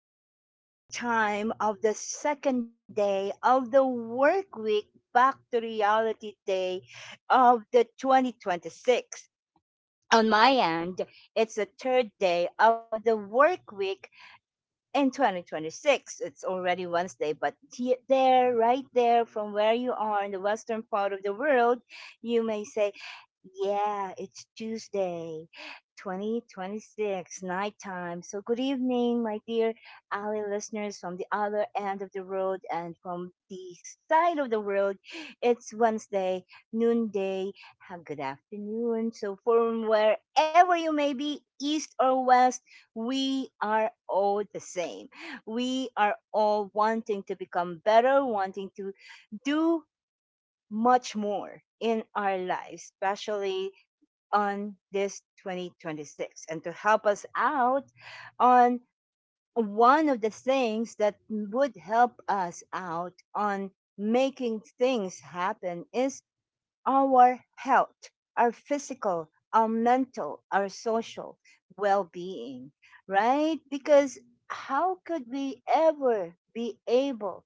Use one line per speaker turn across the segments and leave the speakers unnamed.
it's the nighttime of the second day of the work week, back to reality day of the 2026. On my end, it's the third day of the work week in 2026. It's already Wednesday, but there, right there from where you are in the western part of the world, you may say, yeah, it's Tuesday 2026 nighttime. So good evening, my dear Ali listeners from the other end of the world, and from the side of the world it's Wednesday noonday. Have good afternoon. So from wherever you may be, east or west, we are all the same. We are all wanting to become better, wanting to do much more in our lives, especially on this 2026. And to help us out on one of the things that would help us out on making things happen is our health, our physical, our mental, our social well being, right? Because how could we ever be able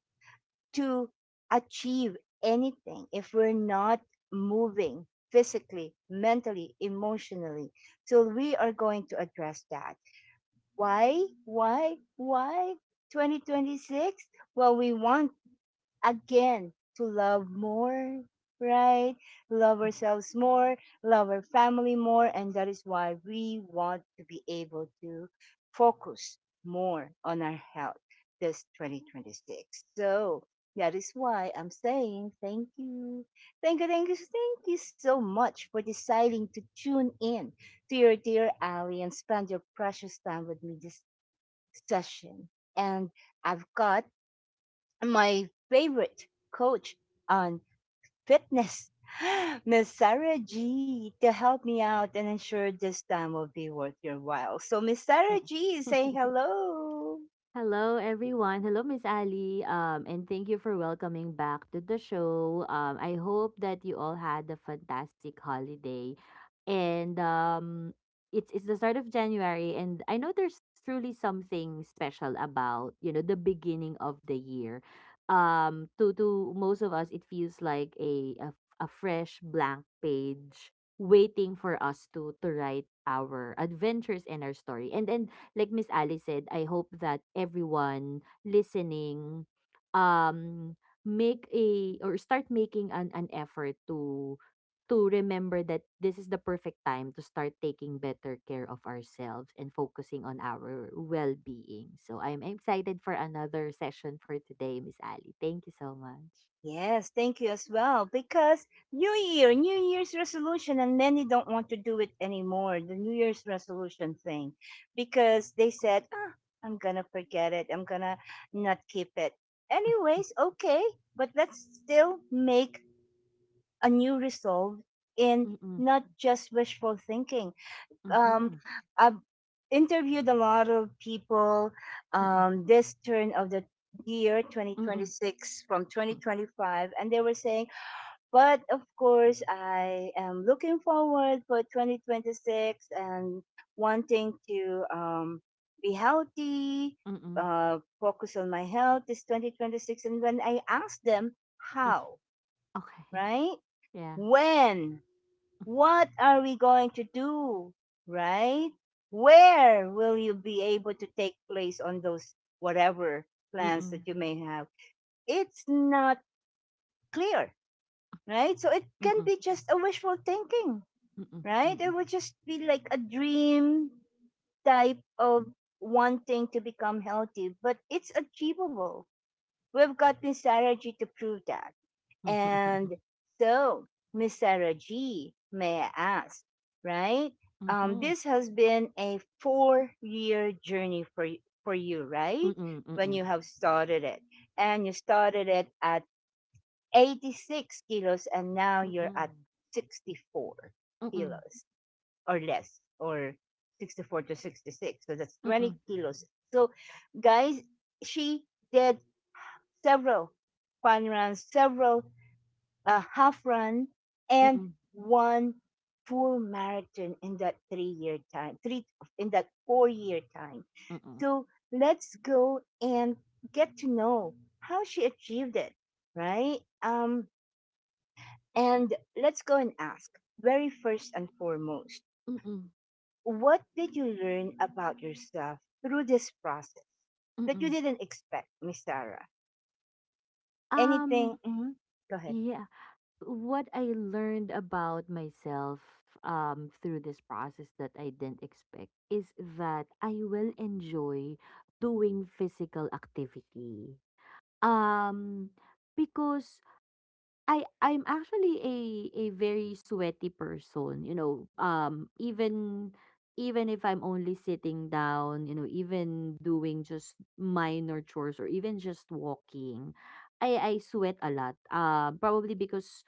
to achieve anything if we're not moving physically, mentally, emotionally? So we are going to address that. Why? Why? Why? 2026? Well, we want again to love more, right? Love ourselves more, love our family more, and that is why we want to be able to focus more on our health this 2026. So that is why I'm saying thank you. Thank you, thank you, thank you so much for deciding to tune in to your dear Ally and spend your precious time with me this session. And I've got my favorite coach on fitness, Miss Sarah G, to help me out and ensure this time will be worth your while. So, Miss Sarah
Mm.
G is saying hello.
Hello, everyone. Hello, Miss Ali. And thank you for welcoming back to the show. I hope that you all had a fantastic holiday. And it's the start of January, and I know there's truly something special about the beginning of the year. To most of us, it feels like a fresh blank page waiting for us to write our adventures and our story. And like Miss Alice said, I hope that everyone listening um make a or start making an effort to remember that this is the perfect time to start taking better care of ourselves and focusing on our well-being. So I'm excited for another session for today, Miss Ali. Thank you so much.
Yes, thank you as well. Because New Year, New Year's resolution, and many don't want to do it anymore, the New Year's resolution thing, because they said, ah, I'm going to forget it. I'm going to not keep it. Anyways, okay, but let's still make a new resolve in,
Mm-mm.
not just wishful thinking. Um,
Mm-hmm.
I've interviewed a lot of people
Mm-mm.
this turn of the year
Mm-mm.
2026 from 2025, and they were saying, but of course I am looking forward for 2026 and wanting to be healthy,
Mm-mm.
focus on my health is 2026. And when I asked them how,
Okay.
right,
Yeah.
when, what are we going to do? Right? Where will you be able to take place on those whatever plans
Mm-mm.
that you may have? It's not clear, right? So it can
Mm-mm.
be just a wishful thinking,
Mm-mm.
right? It
Mm-mm.
would just be like a dream type of wanting to become healthy, but it's achievable. We've got this strategy to prove that. And so, Miss Sarah G, may I ask, right?
Mm-hmm.
This has been a four-year journey for for you,
Mm,
right?
mm,
When
mm,
you have started it, and you started it at 86 kilos, and now
mm,
you're at
mm,
64
mm,
kilos or less, or 64 to 66. So that's 20 kilos. So, guys, she did several fun runs, several a half run, and
mm,
one full marathon in that 3 year time, three in that 4 year time. So let's go and get to know how she achieved it, right? And let's go and ask very first and foremost,
mm,
what did you learn about yourself through this process that you
mm.
didn't expect, Miss Sarah?
Um,
Anything? Hmm. Go ahead.
yeah, what I learned about myself through this process that I didn't expect is that I will enjoy doing physical activity. Um, because I'm actually a very sweaty person, Um, even if I'm only sitting down, even doing just minor chores or even just walking, I sweat a lot. Probably because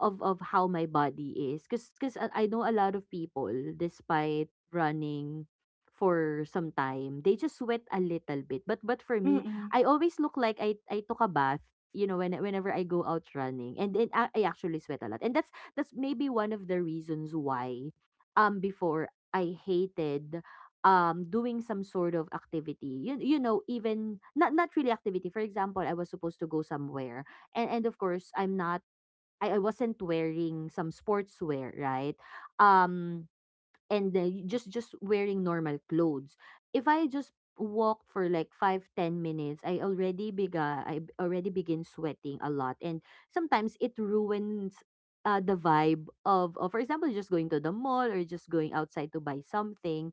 of how my body is because because I know a lot of people despite running for some time they just sweat a little bit but for me
Mm-mm,
I always look like I took a bath, when whenever I go out running, and then I actually sweat a lot, and that's maybe one of the reasons why before I hated doing some sort of activity. Even not really activity. For example, I was supposed to go somewhere, and of course I'm not, I wasn't wearing some sportswear, right? Um, and just wearing normal clothes. If I just walk for like 5-10 minutes, I already already begin sweating a lot, and sometimes it ruins the vibe of, for example, just going to the mall or just going outside to buy something.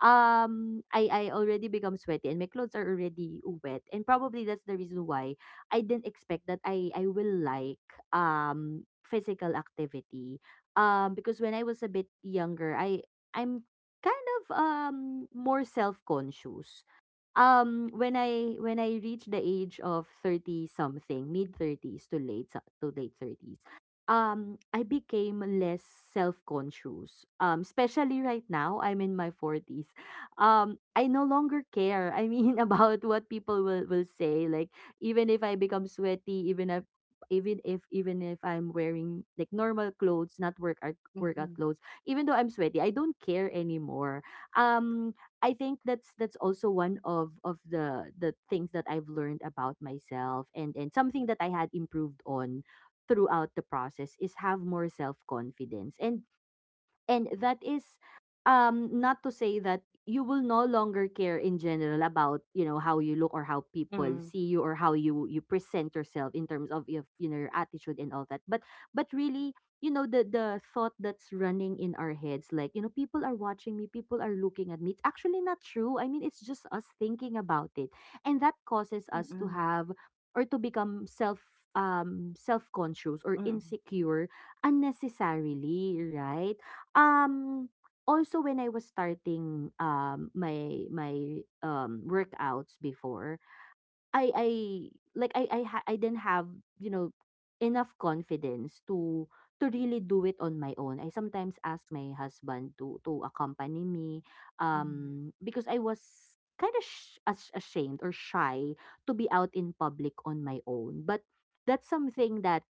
I already become sweaty and my clothes are already wet, and probably that's the reason why I didn't expect that I will like physical activity, because when I was a bit younger, I'm kind of more self-conscious. Um, when I reached the age of 30 something, mid 30s to late 30s, I became less self-conscious. Especially right now, I'm in my 40s. I no longer care. I mean about what people will say. Like even if I become sweaty, even if I'm wearing like normal clothes, not workout
mm-hmm,
clothes, even though I'm sweaty, I don't care anymore. um I think that's also one of the things that I've learned about myself, and something that I had improved on throughout the process is have more self-confidence. And that is not to say that you will no longer care in general about, you know, how you look or how people
mm-mm,
see you or how you present yourself in terms of your, you know, your attitude and all that. But really, you know, the thought that's running in our heads like, you know, people are watching me, people are looking at me. It's actually not true. I mean, it's just us thinking about it. And that causes us to
mm-mm,
have or to become self-conscious or
mm-mm.
insecure unnecessarily, right? Um, also when I was starting, my workouts before, I like, I ha I didn't have, you know, enough confidence to really do it on my own. I sometimes ask my husband to accompany me,
Mm.
because I was kinda sh ash ashamed or shy to be out in public on my own. But that's something that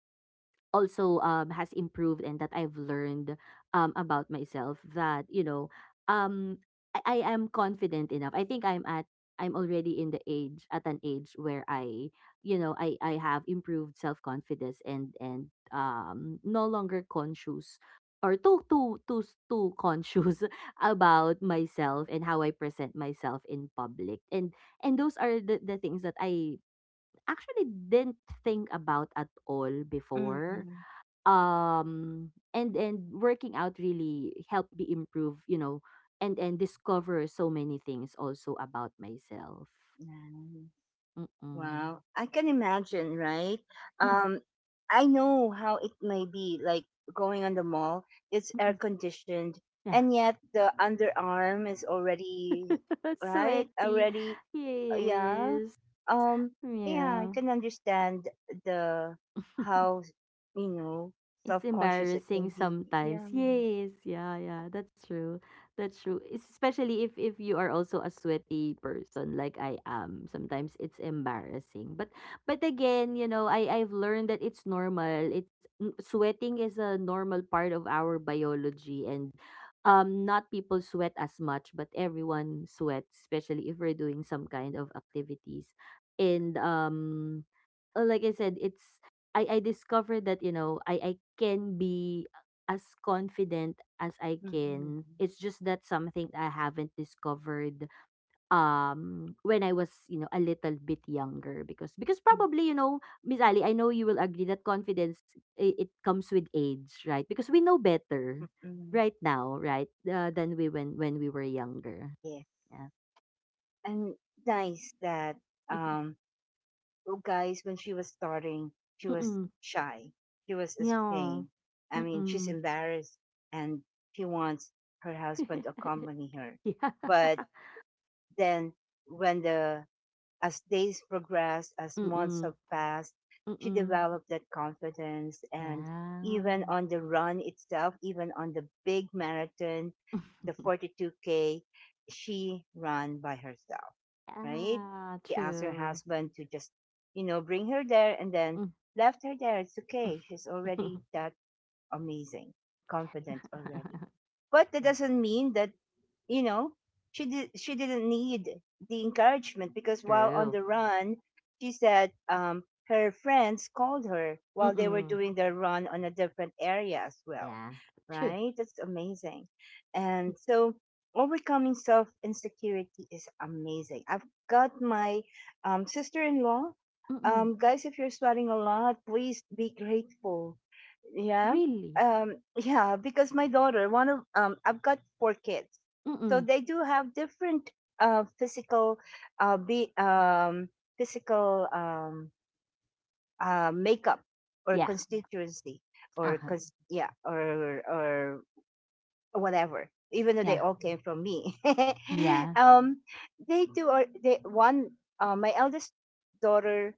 also has improved and that I've learned about myself that um I am confident enough. I think I'm already in the age at an age where I, you know, I have improved self confidence, and no longer conscious, or too conscious about myself and how I present myself in public. And those are the things that I actually didn't think about at all before.
Mm-mm.
And Working out really helped me improve, you know, and discover so many things also about myself.
Nice.
Mm-mm.
Wow. I can imagine, right?
Mm-mm.
Um, I know how it may be like going on the mall. It's air
Mm-mm.
conditioned,
Yeah.
and yet the underarm is already, right?
Sweaty.
Already, yeah.
Yes.
Um, yeah, I
Yeah.
can understand the how, you know,
It's
self-conscious it can
embarrassing
be. Yeah.
sometimes. Yes, yeah, yeah, that's true. That's true. Especially if you are also a sweaty person like I am. Sometimes it's embarrassing. But again, you know, I I've learned that it's normal. Sweating is a normal part of our biology, and not people sweat as much, but everyone sweats, especially if we're doing some kind of activities. And like I said, it's, I discovered that, you know, I can be as confident as I
Mm-hmm.
can. It's just that something I haven't discovered when I was, you know, a little bit younger, because probably, you know, Miss Ali, I know you will agree that confidence, it comes with age, right? Because we know better
Mm-hmm.
right now, right? Than we When we were younger.
Yes.
Yeah.
And nice that um oh guys, when she was starting, she was
Mm-mm.
shy, she was
Yeah.
ashamed, I mean, she's
Mm-mm.
embarrassed, and she wants her husband to accompany her.
Yeah.
But then, when the, as days progressed, as
Mm,
months
mm.
have passed,
Mm
she
mm.
developed that confidence. And even
Yeah.
on the run itself, even on the big marathon, the 42k, she ran by herself, right?
Yeah,
She asked her
true.
husband to just, you know, bring her there and then
Mm.
left her there. It's okay. She's already that amazing, confident already. But that
Yeah,
doesn't mean that, you know, she didn't need the encouragement, because while on
true.
the run, she said, her friends called her
Mm.
while they were
Mm.
doing their run on a different area as well.
Yeah, true.
Right? That's amazing.
Mm.
And so overcoming self insecurity is amazing. I've got my sister in law.
Mm.
Guys, if you're sweating a lot, please be grateful, yeah,
Really?
yeah, because my daughter, one of, I've got four kids,
Mm.
so
Mm.
they do have different physical, be physical makeup or
Yeah.
constituency or
Uh-huh.
cause, yeah, or whatever, even though they
Yeah.
all came from me.
Yeah.
um they do, or they one, my eldest daughter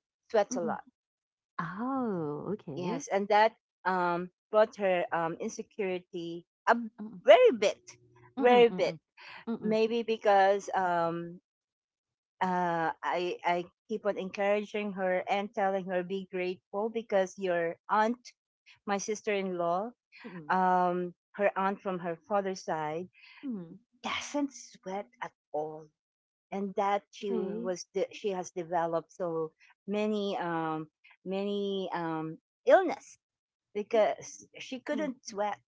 Mm.
sweats a
Mm.
lot.
Oh, okay.
Yes, and that brought her insecurity a
Mm.
very bit,
Mm,
very bit.
mm. Mm.
Maybe because I keep on encouraging her and telling her, be grateful, because your aunt, my sister-in-law,
Mm. Mm.
her aunt from her father's side,
Mm.
doesn't sweat at all, and that
Okay.
she has developed so many many illness
Mm.
because she couldn't sweat.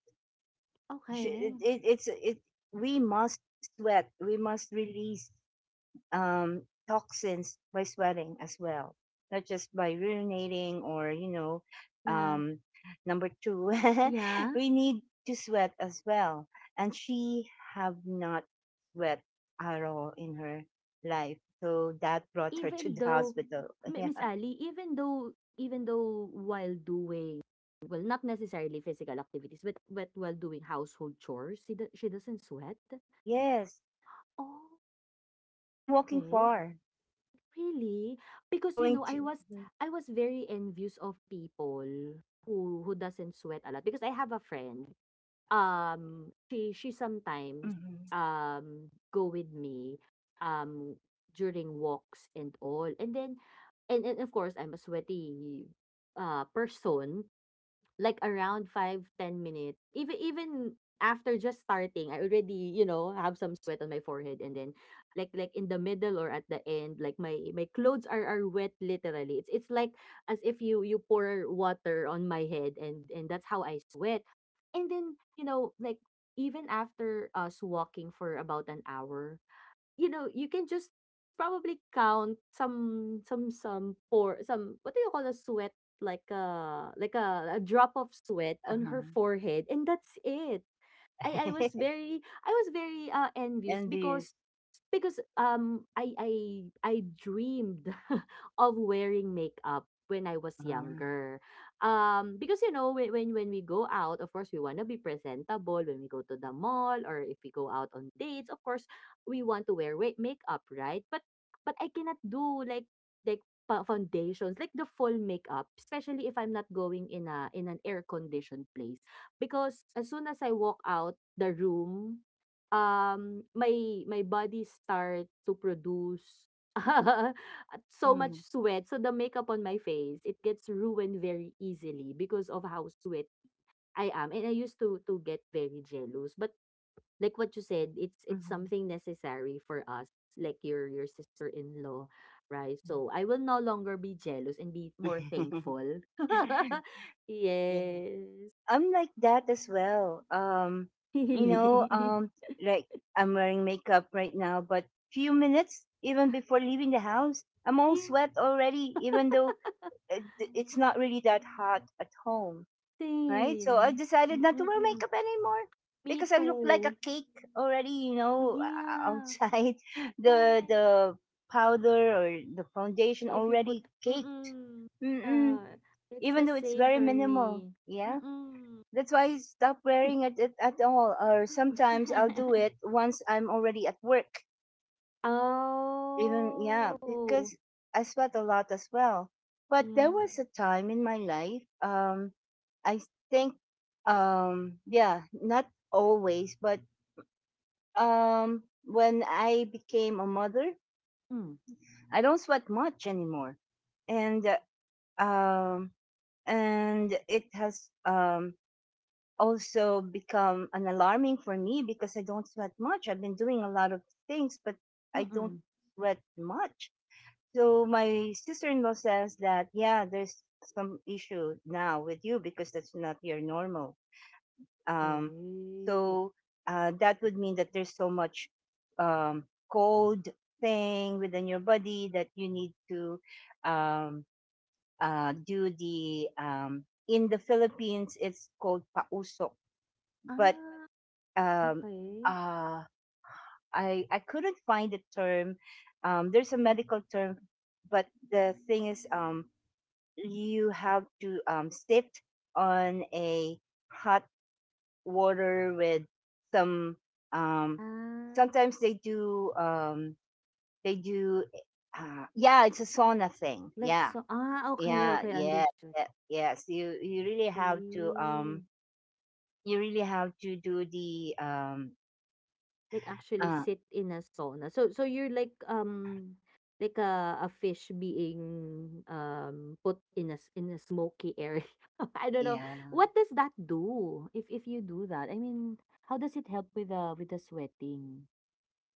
sh- it,
Okay.
it, it's it we must sweat, we must release um toxins by sweating as well, not just by urinating or you know,
Yeah.
um number two.
Yeah.
We need to sweat as well, and she have not sweat at all in her life, so that brought her to
Even
the
though
hospital.
Mi
Yeah,
Miss Ali, even though while doing, well, not necessarily physical activities, but while doing household chores, she doesn't sweat?
yes,
Oh,
even walking
okay.
far
Really? Because, you
going
know,
to.
I was very envious of people who who doesn't sweat a lot, because I have a friend. She sometimes
Mhm.
go with me um during walks and all. And then, and, of course I'm a sweaty person. Like around 5-10 minutes. Even after just starting, I already, you know, have some sweat on my forehead, and then like in the middle or at the end, like my clothes are wet literally. It's like as if you pour water on my head, and that's how I sweat. And then, you know, like even after us walking for about an hour, you know, you can just probably count some por some what do you call a sweat, like a a drop of sweat on her
Uh-huh.
forehead, and that's it. I was very envious
And this,
because because um I I I dreamed of wearing makeup when I was
uh,
younger. Um, because, you know, when we go out, of course we want to be presentable when we go to the mall or if we go out on dates. Of course we want to wear makeup, right? But I cannot do like foundations, like the full makeup, especially if I'm not going in a in an air conditioned place, because as soon as I walk out the room, my body start to produce so much
mm,
sweat. So the makeup on my face, it gets ruined very easily because of how sweat I am. And I used to get very jealous. But like what you said, it's
mhm,
something necessary for us, like your sister-in-law, right?
mhm.
So I will no longer be jealous, and be more thankful.
Yeah.
Yes.
I'm like that as well. You know,
Really.
like I'm wearing makeup right now, but few minutes even before leaving the house, I'm all sweat already, even though it- it's not really that hot at home, right? So I
Same.
decided not to wear
Mm-mm.
makeup anymore
Me
because I look like a
too.
cake already, you know,
Yeah.
outside
Yeah,
the
yeah.
powder or the foundation
If you
already
put
cake.
mm-mm.
Mm-mm.
Uh, it's
Even
the
though it's
same
very
for
minimal.
me.
Yeah.
Mm-mm.
That's why I stop wearing it at all. Or sometimes I'll do it once I'm already at work. Even, yeah,
Oh.
because I sweat a lot as well. But there
Yeah.
was a time in my life, I think, yeah, not always, but when I became a mother,
Mm.
I don't sweat much anymore. And, uh, um, and it has, also become an alarming for me because I don't sweat much. I've been doing a lot of things, but I don't
Mm-mm.
sweat much. So my sister-in-law says that yeah, there's some issue now with you because that's not your normal. Um,
Okay.
so that would mean that there's so much um, cold thing within your body that you need to um, do the, in the Philippines it's called pausok, but
Ah,
um,
okay.
uh, I couldn't find the term. There's a
Mm.
medical term, but the thing is, you have to sift on a hot water with some. Um,
Ah,
sometimes they do. They do. Yeah, it's a sauna thing.
like
Yeah,
so. Ah, okay,
yeah,
okay,
yeah,
understood.
yeah, yes. You really have to.
Okay.
You really have to do the.
Like actually
Uh,
sit in a sauna. So so you're like a fish being put in in a smoky area. I don't know
yeah.
what does that do if you do that. I mean, how does it help with the sweating?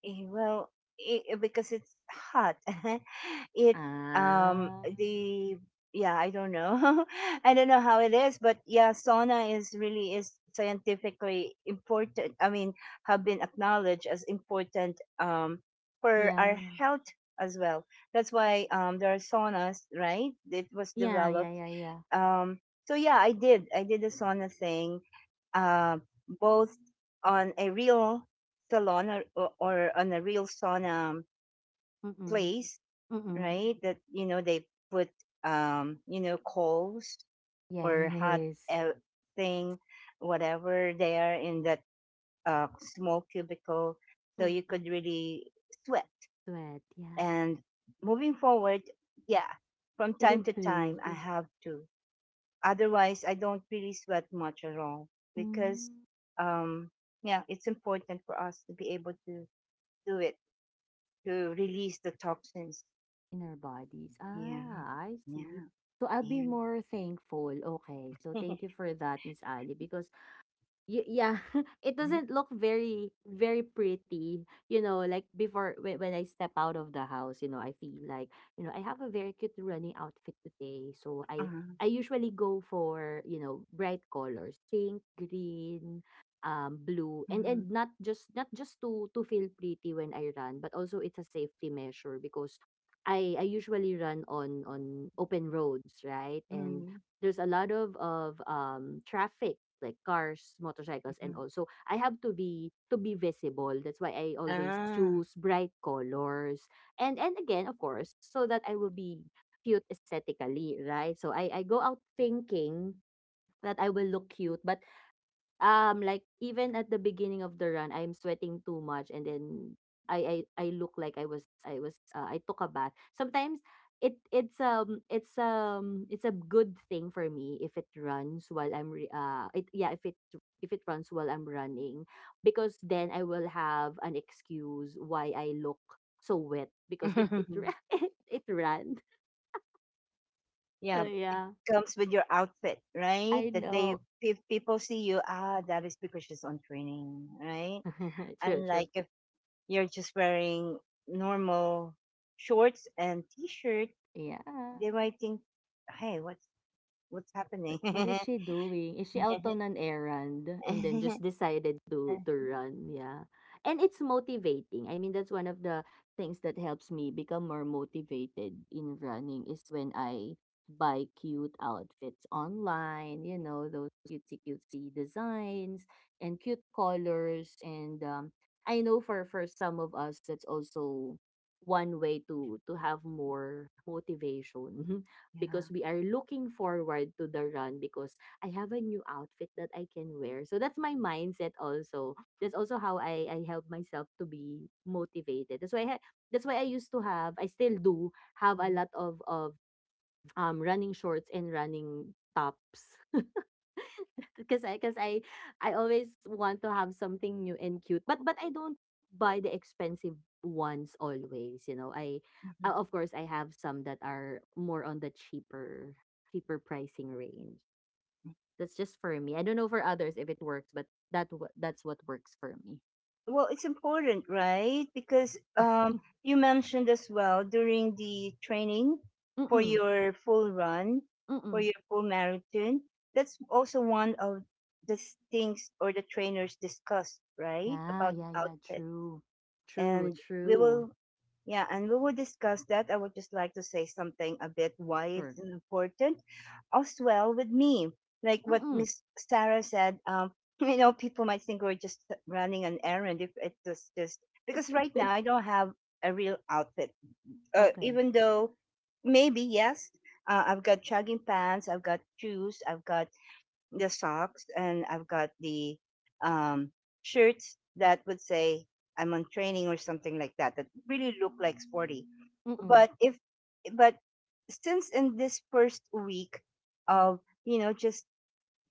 Eh, well, it, because it's hot. it um
Ah,
the yeah, I don't know. I don't know how it is, but yeah, sauna is really is scientifically important. I mean, have been acknowledged as important for our
yeah,
health as well. That's why there are saunas, right? It was
yeah, yeah,
developed.
yeah, yeah.
um, so yeah, I did. I did the sauna thing, uh, both on a real salon, or on a real sauna
Mm-mm.
place,
Mm-mm.
right? That you know they put, you know, coals or hot
Yes.
uh, thing, whatever, there in that small cubicle, so you
Mm-mm.
could really sweat.
Sweat. Yeah,
And moving forward, yeah, from
it
time to time
improved.
I have to. Otherwise, I don't really sweat much at all because,
Mm.
um, yeah, it's important for us to be able to do it, to release the toxins.
Inner bodies.
Yeah,
Ah, I see.
yeah,
So, I'll be more thankful. Okay. So,
yeah.
thank you for that, Miss Ali, because yeah, it doesn't look very very pretty. You know, like before when I step out of the house, you know, I feel like, you know, I have a very cute running outfit today. So
Uh,
I usually go for, you know, bright colors, pink, green, blue, and
mhm,
and not just to feel pretty when I run, but also it's a safety measure because I usually run on open roads, right? And
mhm,
there's a lot of traffic like cars, motorcycles, and
mhm.
all. So I have to be visible. That's why I always
Ah,
choose bright colors. And again, of course, so that I will be cute aesthetically, right? So I go out thinking that I will look cute, but like even at the beginning of the run, I'm sweating too much, and then I look like I was I took a bath. Sometimes it it's a good thing for me if it runs while I'm re- it yeah if it runs while I'm running, because then I will have an excuse why I look so wet because it ran. So
yeah. It
yeah,
comes with your outfit, right?
I
That they,
know.
if people see you, ah, that is because she's on training, right?
True, true.
Unlike if you're just wearing normal shorts and t-shirt.
Yeah.
They might think, "Hey, what's
What
happening?"
what is she doing? Is she out on an errand and then just decided to run? Yeah. And it's motivating. I mean, that's one of the things that helps me become more motivated in running is when I buy cute outfits online, you know, those cutesy designs and cute colors. And I know for some of us, that's also one way to have more motivation.
Yeah.
Because we are looking forward to the run because I have a new outfit that I can wear. So that's my mindset also. That's also how I help myself to be motivated. That's why that's why I used to have, I still do have a
Mm.
lot of running shorts and running tops because I I always want to have something new and cute. But I don't buy the expensive ones always. You know, I
Mhm.
of course I have some that are more on the cheaper pricing range. That's just for me. I don't know for others if it works, but that's what works for me.
Well, it's important, right? Because you mentioned as well during the training for
Mm-mm.
your full run, for
Mm-mm.
your full marathon. That's also one of things or the trainers discuss, right,
Yeah,
about
yeah, yeah.
outfit.
True. True,
and we
true.
will yeah and we will discuss that. I would just like to say something a bit why
Sure.
it's important as well with me, like what
Mm-mm.
Miss Sarah said. You know, people might think we're just running an errand if it's just because right now I don't have a real outfit.
Okay.
Even though maybe yes, I've got jogging pants, I've got shoes, I've got the socks, and I've got the um, shirts that would say I'm on training or something like that, that really look like sporty.
Mm-mm.
But if but since in this first week of, you know, just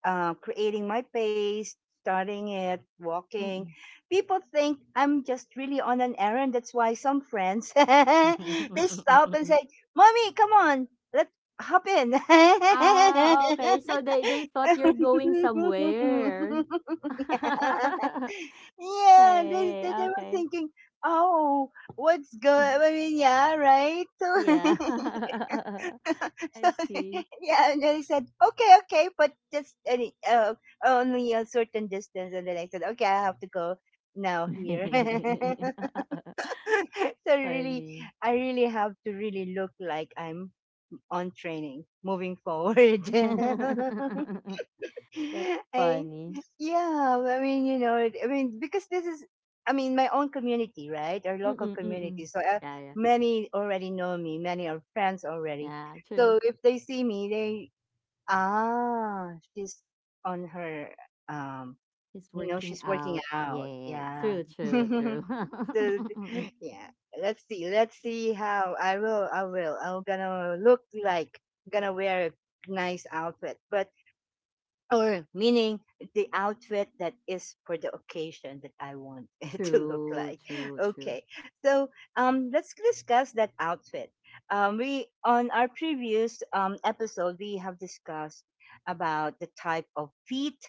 creating my pace, starting it, walking.
Mm-mm.
People think I'm just really on an errand. That's why some friends they stop and say, "Mommy, come on, let's hop in." yeah,
Ah, okay. So they thought you're going somewhere.
Yeah,
Okay,
they were
okay.
thinking, "Oh, what's going?" I mean, yeah, right.
Yeah.
So
I see.
yeah, and then he said, "Okay, okay, but just any only a certain distance." And then I said, "Okay, I have to go now here." So really,
Funny.
I really have to really look like I'm on training moving forward.
That's
I
funny.
yeah, I mean, you know, I mean, because this is, I mean, my own community, right? Our local
Mm, mm.
community. So
Yeah, yeah.
many already know me, many are friends already.
Yeah, true.
So if they see me, they, ah, she's on her, um,
He's
you know,
working
she's working
out.
out.
Yes.
Yeah.
True, true, true.
So, yeah. Let's see. Let's see how I will I will. I'm gonna look like gonna wear a nice outfit. But or meaning the outfit that is for the occasion that I want it to look
True,
like.
true, true.
Okay, so let's discuss that outfit. We, on our previous episode, we have discussed about the type of feet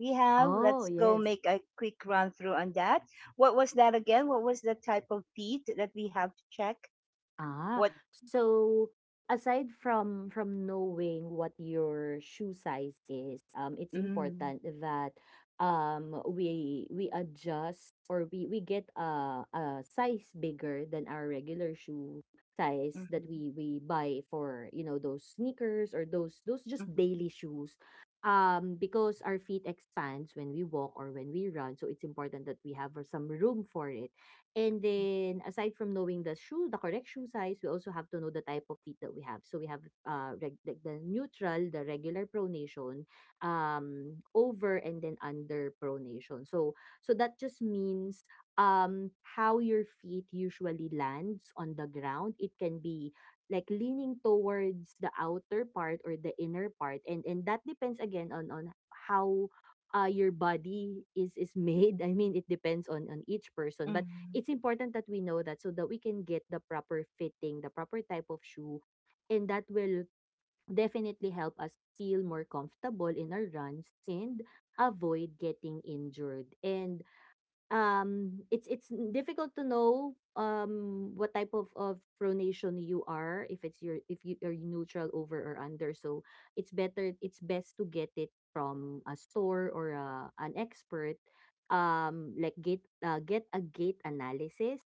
we have.
Oh,
Let's go
yes.
make a quick run through on that. What was that again? What was the type of feet that we have to check?
Ah,
What?
so aside from knowing what your shoe size is, it's
Mm,
important that we adjust, or we get a size bigger than our regular shoe size
hmm
that we buy for, you know, those sneakers or those just
hmm
daily shoes. Because our feet expands when we walk or when we run, so it's important that we have some room for it. And then aside from knowing the shoe, the correct shoe size, we also have to know the type of feet that we have. So we have like the neutral, the regular pronation, over, and then under pronation. So that just means how your feet usually lands on the ground. It can be like leaning towards the outer part or the inner part, and that depends again on how your body is made. I mean, it depends on each person, but it's important that we know that so that we can get the proper fitting, the proper type of shoe, and that will definitely help us feel more comfortable in our runs and avoid getting injured. And it's difficult to know what type of pronation you are, if it's your, if you are neutral, over, or under. So it's best to get it from a store or a, an expert, like get a gait analysis.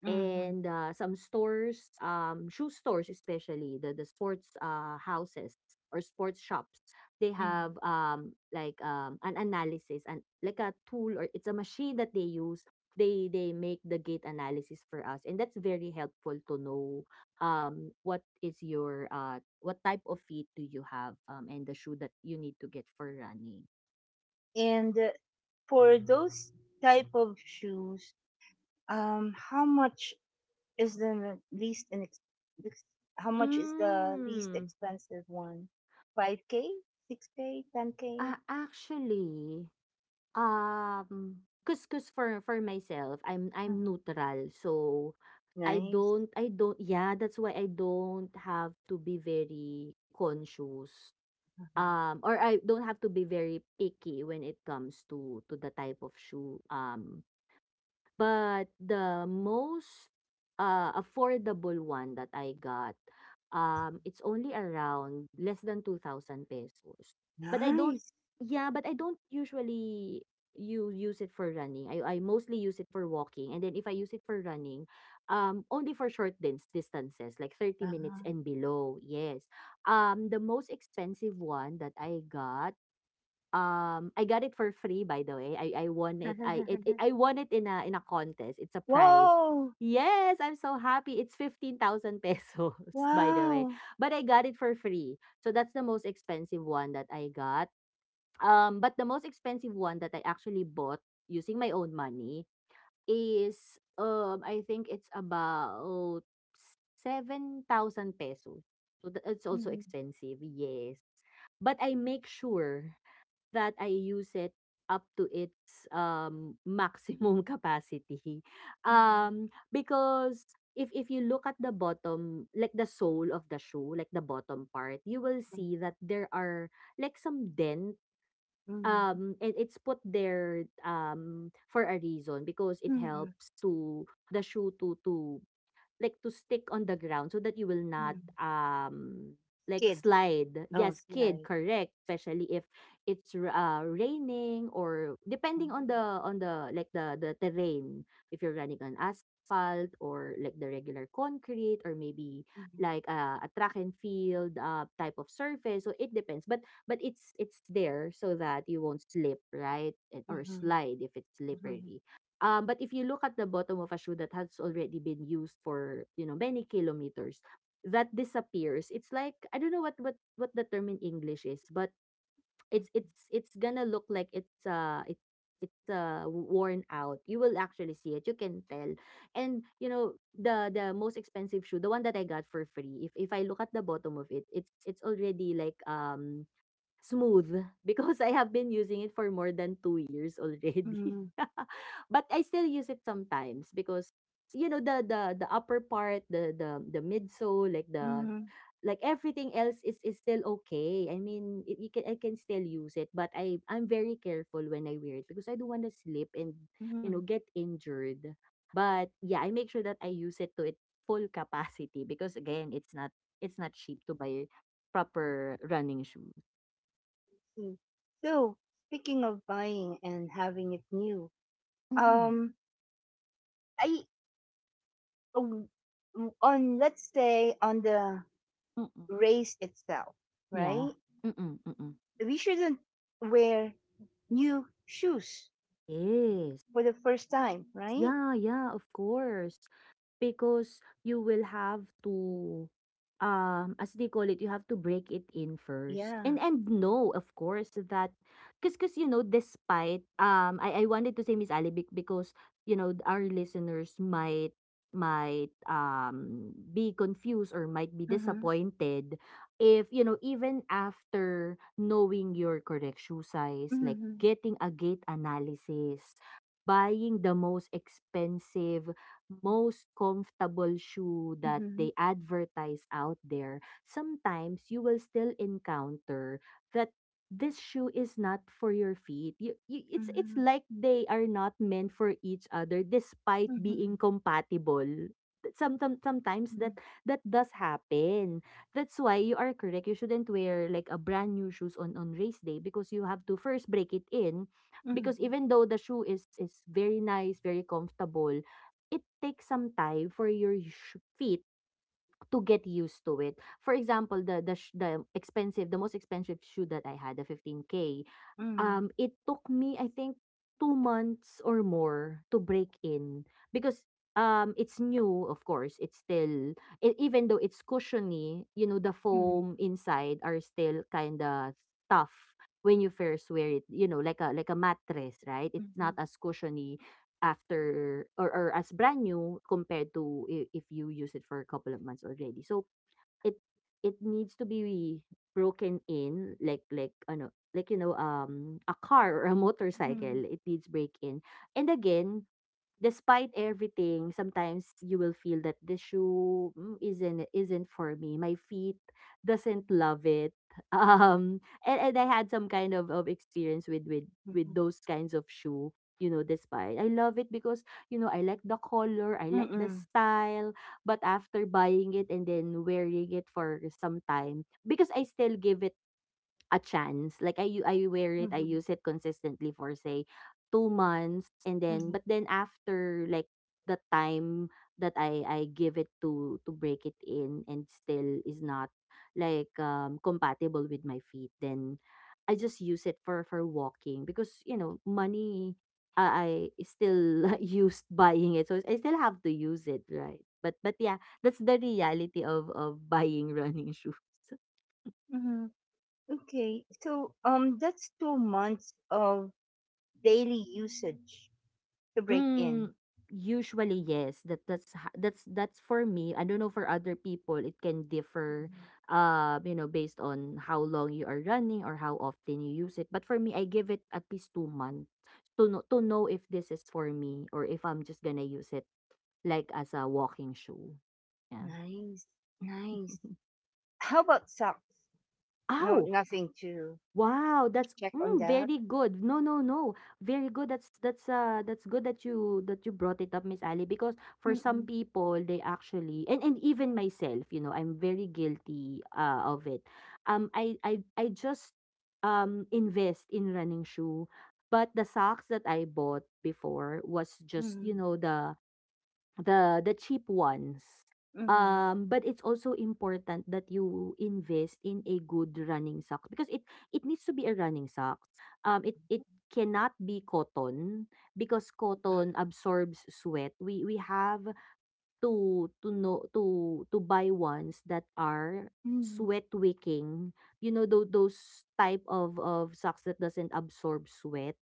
hmm hmm
And some stores, shoe stores especially, the sports houses or sports shops, they
hmm.
have, like, an analysis and like a tool, or it's a machine that they use. They make the gait analysis for us, and that's very helpful to know what is your what type of feet do you have, and the shoe that you need to get for running.
And for those type of shoes, how much is the least ex- how much is the least
Mm,
expensive one? Five k, six k, ten k.
actually. Cause for myself, I'm
Uh-huh.
neutral. So,
Nice,
I don't yeah, that's why I don't have to be very conscious.
uh-huh.
Or I don't have to be very picky when it comes to the type of shoe. But the most affordable one that I got, it's only around less than 2,000 pesos. But I don't,
Nice.
yeah, but I don't usually you use it for running. I mostly use it for walking. And then if I use it for running, only for short dins distances, like 30 minutes
Uh-huh.
and below. Yes. The most expensive one that I got, I got it for free, by the way. I won it. I won it in a contest. It's a prize.
Whoa!
Yes, I'm so happy. It's 15,000 pesos by the way.
Wow!
But I got it for free. So that's the most expensive one that I got. But the most expensive one that I actually bought using my own money is, I think it's about 7,000 pesos. So it's also
Mhm,
expensive. Yes, but I make sure that I use it up to its, maximum capacity.
mhm,
Because if you look at the bottom, like the sole of the shoe, like the bottom part, you will see
mhm,
that there are like some dent,
mhm,
and it's put there, for a reason, because it
mhm,
helps to the shoe to like to stick on the ground so that you will not
mhm.
like
Skid.
slide.
Oh,
Yes, kid,
slide.
correct. Especially if raining, or depending on
Mhm,
the like the terrain. If you're running on asphalt or like the regular concrete, or maybe like a track and field type of surface. So it depends. But it's there so that you won't slip, right? And or
mhm,
slide if it's
mhm, mhm,
slippery. But if you look at the bottom of a shoe that has already been used for, you know, many kilometers, that disappears. It's like, I don't know what what the term in English is, but it's gonna look like it's worn out. You will actually see it. You can tell. And you know the most expensive shoe, the one that I got for free, if I look at the bottom of it, it's already like, smooth, because I have been using it for more than 2 years already.
mhm,
But I still use it sometimes because, you know, the upper part, the midsole, like the
mhm,
everything else is still okay. I mean, you can, I can still use it, but I'm very careful when I wear it because I don't want to slip and, you
mhm.
know, get injured. But yeah, I make sure that I use it to its full capacity because, again, it's not cheap to buy proper running shoes.
Mm. So, speaking of buying and having it new, um, I, um, on let's say on the
Mm.
race itself,
Yeah.
right?
Mm, mm.
We shouldn't wear new shoes
Yes.
for the first time, right?
Yeah, yeah, of course. Because you will have to, as they call it, you have to break it in first.
Yeah.
And know, of course, that because you know, despite, I wanted to say Miss Ali because, you know, our listeners might be confused or might be
Mm-hmm.
disappointed if, you know, even after knowing your correct shoe size, like
Mm-hmm.
getting a gait analysis, buying the most expensive, most comfortable shoe that
Mm-hmm.
they advertise out there, sometimes you will still encounter that this shoe is not for your feet. It's like they are not meant for each other despite being
Mm-hmm.
compatible. Sometimes
Mm-hmm.
that does happen. That's why you are correct. You shouldn't wear like a brand new shoes on race day, because you have to first break it in, because
Mm-hmm.
even though the shoe is very nice, very comfortable, it takes some time for your feet to get used to it. For example, the the expensive, the most expensive shoe that I had, the 15K.
Mm-hmm.
It took me, I think, 2 months or more to break in because, it's new, of course. It's still, e even though it's cushiony, you know, the
Mm-hmm.
foam inside are still kinda tough when you first wear it, you know, like a mattress, right? It's not
Mm-hmm.
as cushiony after, or as brand new, compared to I if you use it for a couple of months already. It it needs to be broken in like a car or a motorcycle, it needs break in. And again, despite everything, sometimes you will feel that the shoe, "Mm, isn't for me. My feet doesn't love it." Um, and I had some kind of experience with those kinds of shoe. You know, despite I love it because you know I like the color, I
Mm-hmm.
like the
Mm-hmm.
style. But after buying it and then wearing it for some time, because I still give it a chance. Like I wear it, I
Mm-hmm.
use it consistently for say 2 months and then but then after like the time that I give it to break it in and still is not like compatible with my feet, then I just use it for walking because you know money I still used buying it, so I still have to use it, right? But yeah, that's the reality of buying running shoes.
Mm-hmm. Okay, so that's 2 months of daily usage to break in.
Mm, usually yes, that that's ho- that's for me. I don't know for other people, it can differ
Mhm.
you know, based on how long you are running or how often you use it. But for me, I give it at least 2 months to know if this is for me or if I'm just gonna use it like as a walking shoe. Yeah.
Nice, nice. How about socks? No,
Ow!
nothing to
Wow, that's
check on that.
very good. No, no, no. Very good. That's good that you brought it up, Miss Ali, because for some
Mm-mm,
people they actually and even myself, you know, I'm very guilty of it. I just invest in running shoe, but the socks that I bought before was just, you
mm-mm,
know, the cheap ones.
mm-mm,
But it's also important that you invest in a good running sock because it needs to be a running sock. It cannot be cotton because cotton absorbs sweat. We have to know to buy ones that are
mm-mm,
sweat wicking. You know those type of socks that doesn't absorb sweat.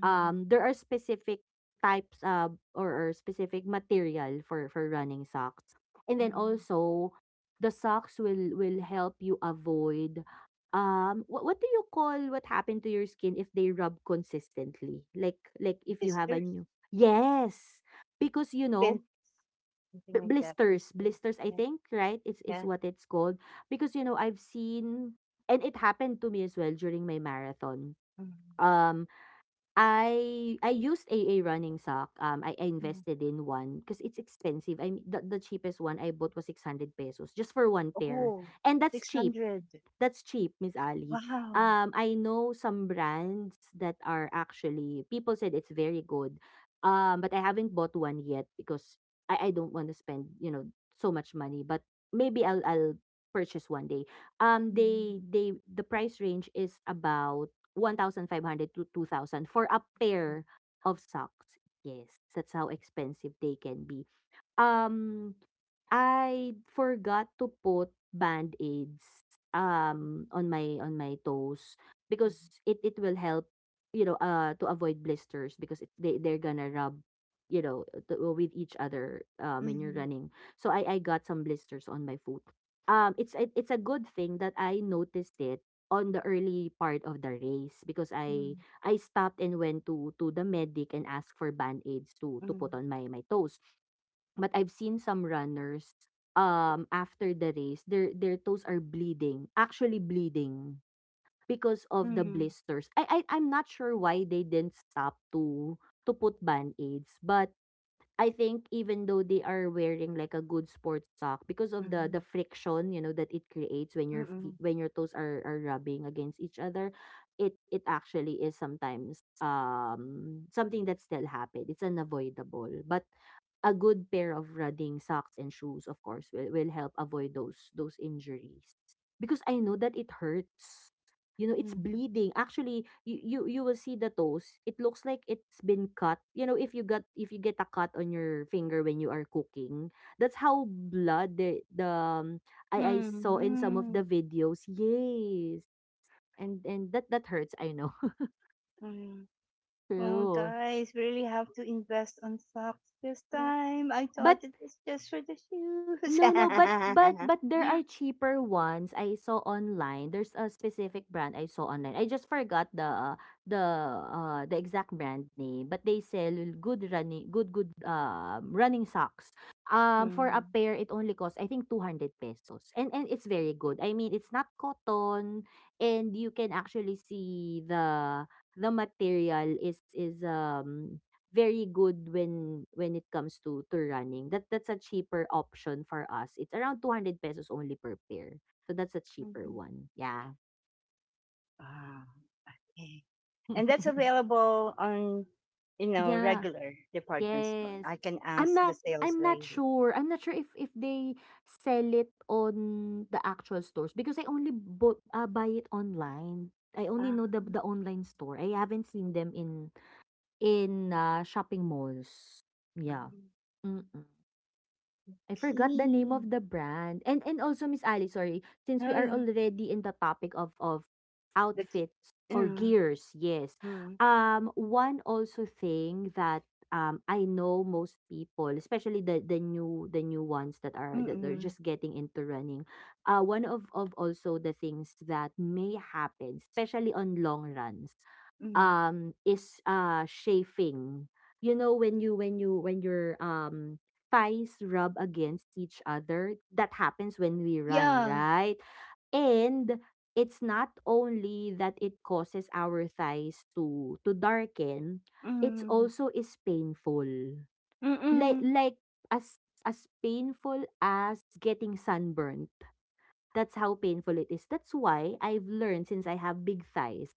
mm-mm,
Um, there are specific types or specific material for running socks. And then
mm-mm.
also the socks will help you avoid what do you call what happened to your skin if they rub consistently? Like if you have a
Blisters,
new— Yes. Because you know
been something
b-
like that.
blisters
Blisters,
blisters I
yeah,
think right it's is
yeah.
what it's called because you know I've seen and it happened to me as well during my marathon.
Mm-hmm,
um. I used a running sock. I
mm-hmm.
invested in one because it's expensive. I mean, the cheapest one I bought was 600 pesos just for one pair.
Oh,
And that's cheap.
600.
That's cheap, Miss Ali.
Wow.
I know some brands that are actually people said it's very good. But I haven't bought one yet because I don't want to spend, you know, so much money. But maybe I'll purchase one day.
Mm-hmm,
The price range is about 1,500 to 2,000 for a pair of socks. Yes, that's how expensive they can be. Um, I forgot to put Band-Aids, on my toes because it will help, you know, to avoid blisters because it, they they're gonna rub, you know, to, with each other when you're
mm-hmm,
running. So I got some blisters on my foot. It's a good thing that I noticed it on the early part of the race because
mm-hmm,
I stopped and went to the medic and asked for band-aids to put on my toes. But I've seen some runners, after the race, their toes are bleeding, actually bleeding because of the
mm-hmm,
blisters. I'm not sure why they didn't stop to put band-aids, but I think even though they are wearing like a good sports sock because of the
mm-hmm.
the friction, you know, that it creates when your
Mm,
feet when your toes are rubbing against each other, it actually is sometimes something that still happen. It's unavoidable. But a good pair of running socks and shoes, of course, will help avoid those injuries. Because I know that it hurts. You know, it's
mm,
bleeding. Actually, you will see the toes. It looks like it's been cut. You know, if you got if you get a cut on your finger when you are cooking, that's how blood the I
mm,
saw in some of the
mm,
videos. Yes. And that that hurts, I know.
mm. Oh,
True.
guys, really have to invest on socks this
Yeah.
time. I
But
thought it was just for the shoes.
no, no, but there are cheaper ones I saw online. There's a specific brand I saw online. I just forgot the the the exact brand name, but they sell good running good good running socks. Um, for a
Mm,
pair it only costs I think 200 pesos. And it's very good. I mean, it's not cotton and you can actually see the material is very good when it comes to running. That's a cheaper option for us. It's around 200 pesos only per pair. So that's a cheaper
mhm.
one. Yeah.
Ah, okay. And that's available on, you know,
Yeah,
regular department store.
yes.
I can
I'm
ask the
not
sales
I'm not
lady.
sure. I'm not sure if they sell it on the actual stores because I only bought buy it online. I only
Ah,
know the online store. I haven't seen them in shopping malls. Yeah.
mm,
Mm-mm. I forgot the name of
key.
the brand. And also Miss Ali, sorry, since we
Oh,
are
yeah.
already in the topic of
The key.
outfits or
Yeah.
gears, yes.
Mm,
Um, one also thing that I know most people, especially the new ones that are
mm, mm,
just getting into running. Uh, one of also the things that may happen, especially on long runs,
mm.
um, is chafing, you know, when you when you when you're thighs rub against each other. That happens when we run,
Yeah.
right? And it's not only that it causes our thighs to darken, it's also is painful. Like
Mm.
like as as painful as getting sunburnt. That's how painful it is. That's why I've learned since I have big thighs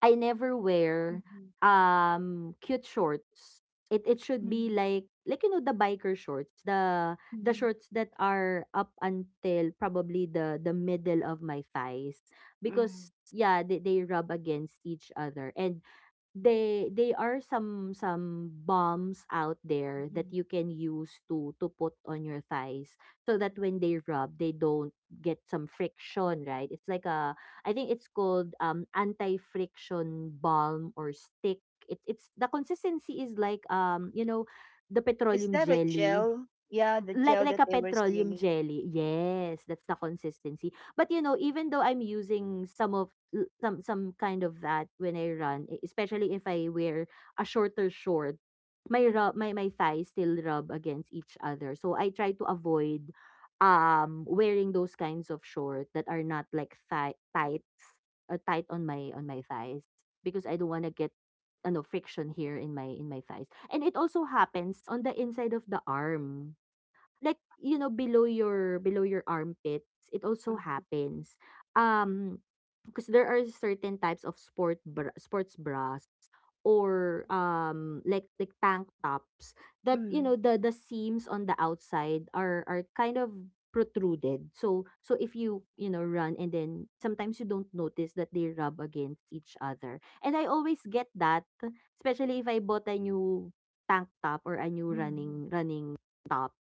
I never wear,
Mhm.
cute shorts. It should be
Mhm.
like you know, the biker shorts, the
Mhm.
shorts that are up until probably the middle of my thighs
Mhm.
because, yeah, they rub against each other and they are some bombs out there that you
Mhm.
can use to put on your thighs so that when they rub they don't get some friction, right? It's like a— I think it's called anti-friction balm or stick. It's the consistency is like um, you know, the
Is
petroleum
that a
jelly,
gel? Yeah, the gel that
like a
they were
petroleum
saying.
jelly. Yes, that's the consistency. But you know, even though I'm using some some kind of that when I run, especially if I wear a shorter short, my thighs still rub against each other. So I try to avoid wearing those kinds of short that are not like thigh tights or tight on my thighs because I don't want to get ano friction here in my thighs. And it also happens on the inside of the arm, like you know below your armpits it also
Mhm.
happens, um, because there are certain types of sport bra, sports bras or like tank tops that you
Mm.
know the seams on the outside are kind of protruded, so so if you you know run and then sometimes you don't notice that they rub against each other and I always get that especially if I bought a new tank top or a new
Mhm.
running running top.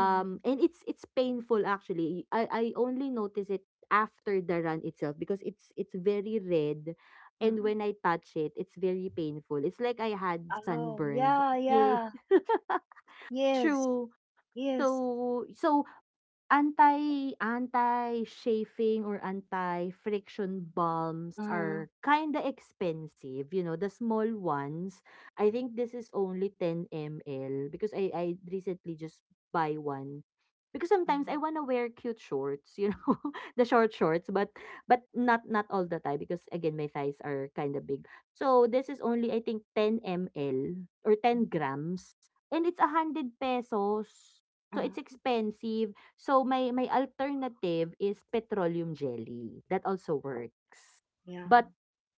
Mhm.
And it's painful actually. I only notice it after the run itself because it's very red and
Mhm.
when I touch it, it's very painful. It's like I had
Oh,
sunburned.
yeah,
Yeah.
yeah. Yes.
True.
Yes.
So so anti— anti-chafing or anti-friction balms
Uh,
are kinda expensive, you know, the small ones. I think this is only 10 ml because I recently just buy one. Because sometimes I
mhm.
wanna wear cute shorts, you know, the short shorts, but not not all the time because again my thighs are kinda big. So this is only I think 10 ml or 10
Mhm.
grams and it's 100 pesos. So it's
uh,
expensive. So, my alternative is petroleum jelly. That also works.
yeah.
But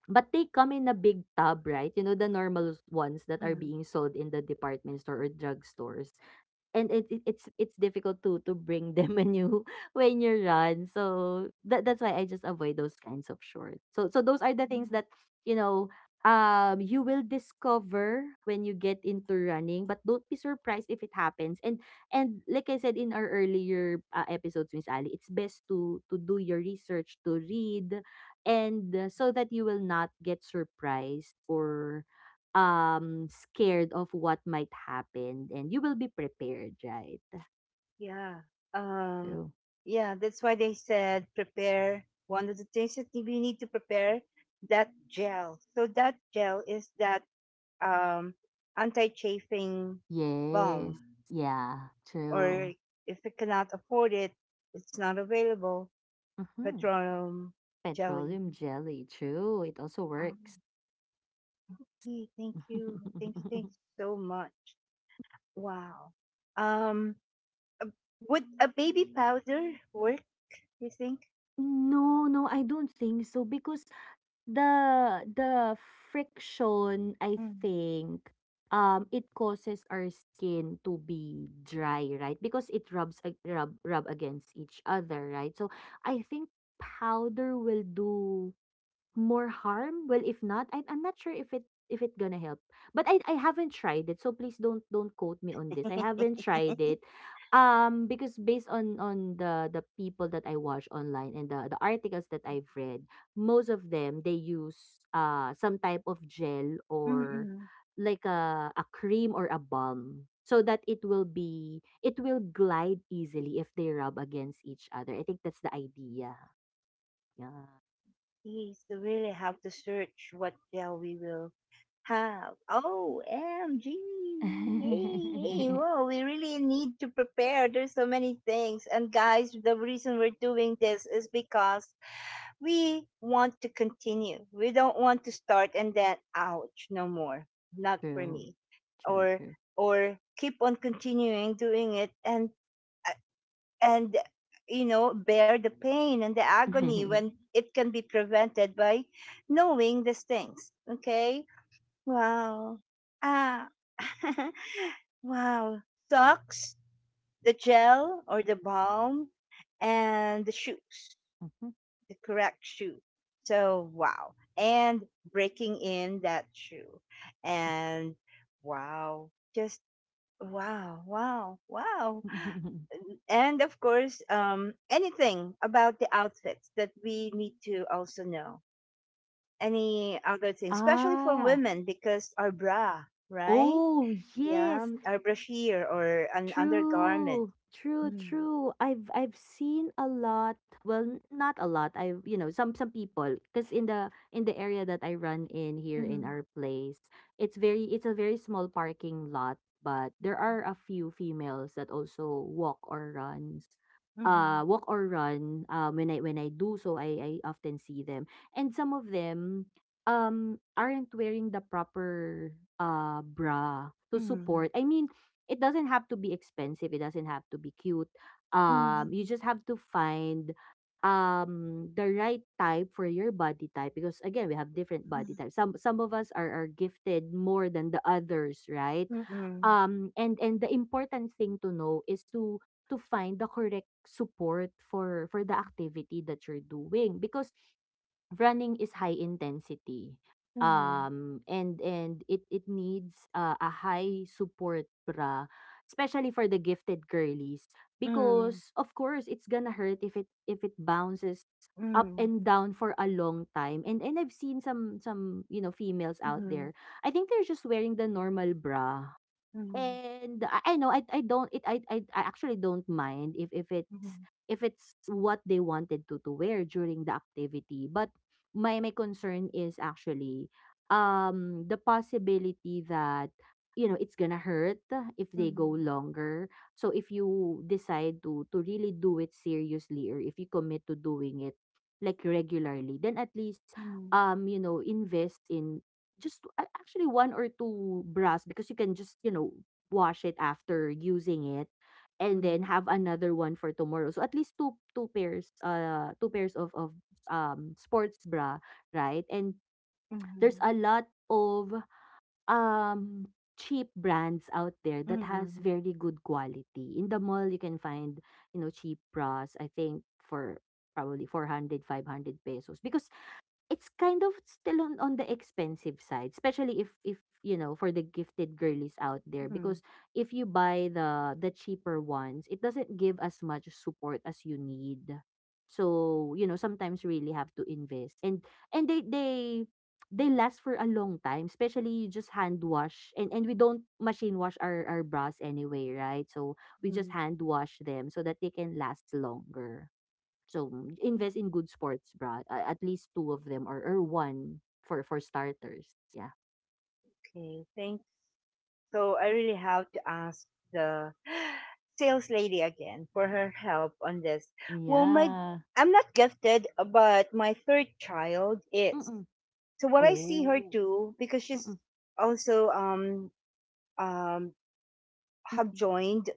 they come in a big tub, right? You know, the normal ones that are
Mm.
being sold in the department store or drugstores. And it it's difficult to bring them when you when you run, so that's why I just avoid those kinds of shorts. So those are the things
Mhm.
that you know you will discover when you get into running, but don't be surprised if it happens. And like I said in our earlier episodes, Miss Ali, it's best to do your research, to read, and so that you will not get surprised or scared of what might happen, and you will be prepared, right?
Yeah. Um,
True.
yeah, that's why they said prepare. One of the things that you need to prepare, that gel. So that gel is that um, anti-chafing
Yes.
balm,
Yeah.
or
True.
if they cannot afford it, it's not available.
Mhm.
Petroleum jelly.
Petroleum jelly. True. It also
Um,
works.
hey, thank you, thank you, thank you so much. Wow. Um, would a baby powder work? You think?
No, no, I don't think so, because the friction, I
Mm.
think, it causes our skin to be dry, right? Because it rubs ag rub rub against each other, right? So, I think powder will do more harm. Well, if not, I'm not sure if it, if it gonna help. But I haven't tried it, so please don't quote me on this. I haven't tried it. Um, because based on on the people that I watch online and the articles that I've read, most of them they use some type of gel or
Mm-mm.
like a cream or a balm so that it will be, it will glide easily if they rub against each other. I think that's the idea. Yeah.
Yes, we really have to search what gel we will have. OMG! Yay! Whoa, we really need to prepare. There's so many things. And guys, the reason we're doing this is because we want to continue. We don't want to start and then ouch, no more. Not for
True.
me.
True,
Or
true.
or keep on continuing doing it and and you know, bear the pain and the agony
Mhm.
when it can be prevented by knowing these things. Okay, wow, ah wow, socks, the gel or the balm, and the shoes, the correct shoe. So wow, and breaking in that shoe, and wow, just wow, wow, wow. And of course, anything about the outfits that we need to also know, any other things, especially for
Ah.
women, because our bra, right?
Oh,
Yeah,
yes.
our brasier or an undergarment.
True, true,
Mm.
true. I've seen a lot. Well, n- not a lot. I've, you know, some people, because in the area that I run in here in
Mhm,
our place, it's very, it's a very small parking lot, but there are a few females that also walk or runs,
mhm,
walk or run. When I, when I do so, I often see them, and some of them aren't wearing the proper bra to
mhm,
support. I mean, it doesn't have to be expensive. It doesn't have to be cute.
mhm,
You just have to find the right type for your body type, because again we have different body types. Some of us are gifted more than the others, right?
mhm,
And the important thing to know is to find the correct support for the activity that you're doing, because running is high intensity.
mhm,
And it it needs a high support bra, especially for the gifted girlies,
mhm,
because of course it's gonna hurt if it bounces up
mhm,
and down for a long time. And I've seen some, you know, females out
mhm,
there. I think they're just wearing the normal bra.
mhm,
And I know, I don't, it, I I actually don't mind if it's, if it's what they wanted to wear during the activity. But my concern is actually the possibility that, you know, it's gonna hurt if
mhm,
they go
mhm,
longer. So if you decide to really do it seriously, or if you commit to doing it like regularly, then at least
mhm,
you know, invest in just actually one or two bras, because you can just, you know, wash it after using it and then
mhm,
have another one for tomorrow. So at least two, two pairs of sports bra, right? And
mhm,
there's
mhm,
a lot of um cheap brands out there that has
mhm,
very good quality. In the mall you can find, you know, cheap bras I think for probably 400 500 pesos, because it's kind of still on the expensive side, especially if, you know, for the gifted girlies out there.
mhm,
Because if you buy the cheaper ones, it doesn't give as much support as you need. So, you know, sometimes really have to invest, and and they last for a long time. Especially you just hand wash, and we don't machine wash our bras anyway, right? So we
mhm.
just hand wash them so that they can last longer. So, mm, invest in good sports bra. A- At least two of them, or one for starters. Yeah.
Okay, thanks. So I really have to ask the sales lady again for her help on this. Well, my,
Yeah.
I'm not gifted, but my third child is.
Mm-mm.
So what I see her
Oh.
do, because she's
Mm-mm.
also um have
Mm-mm.
joined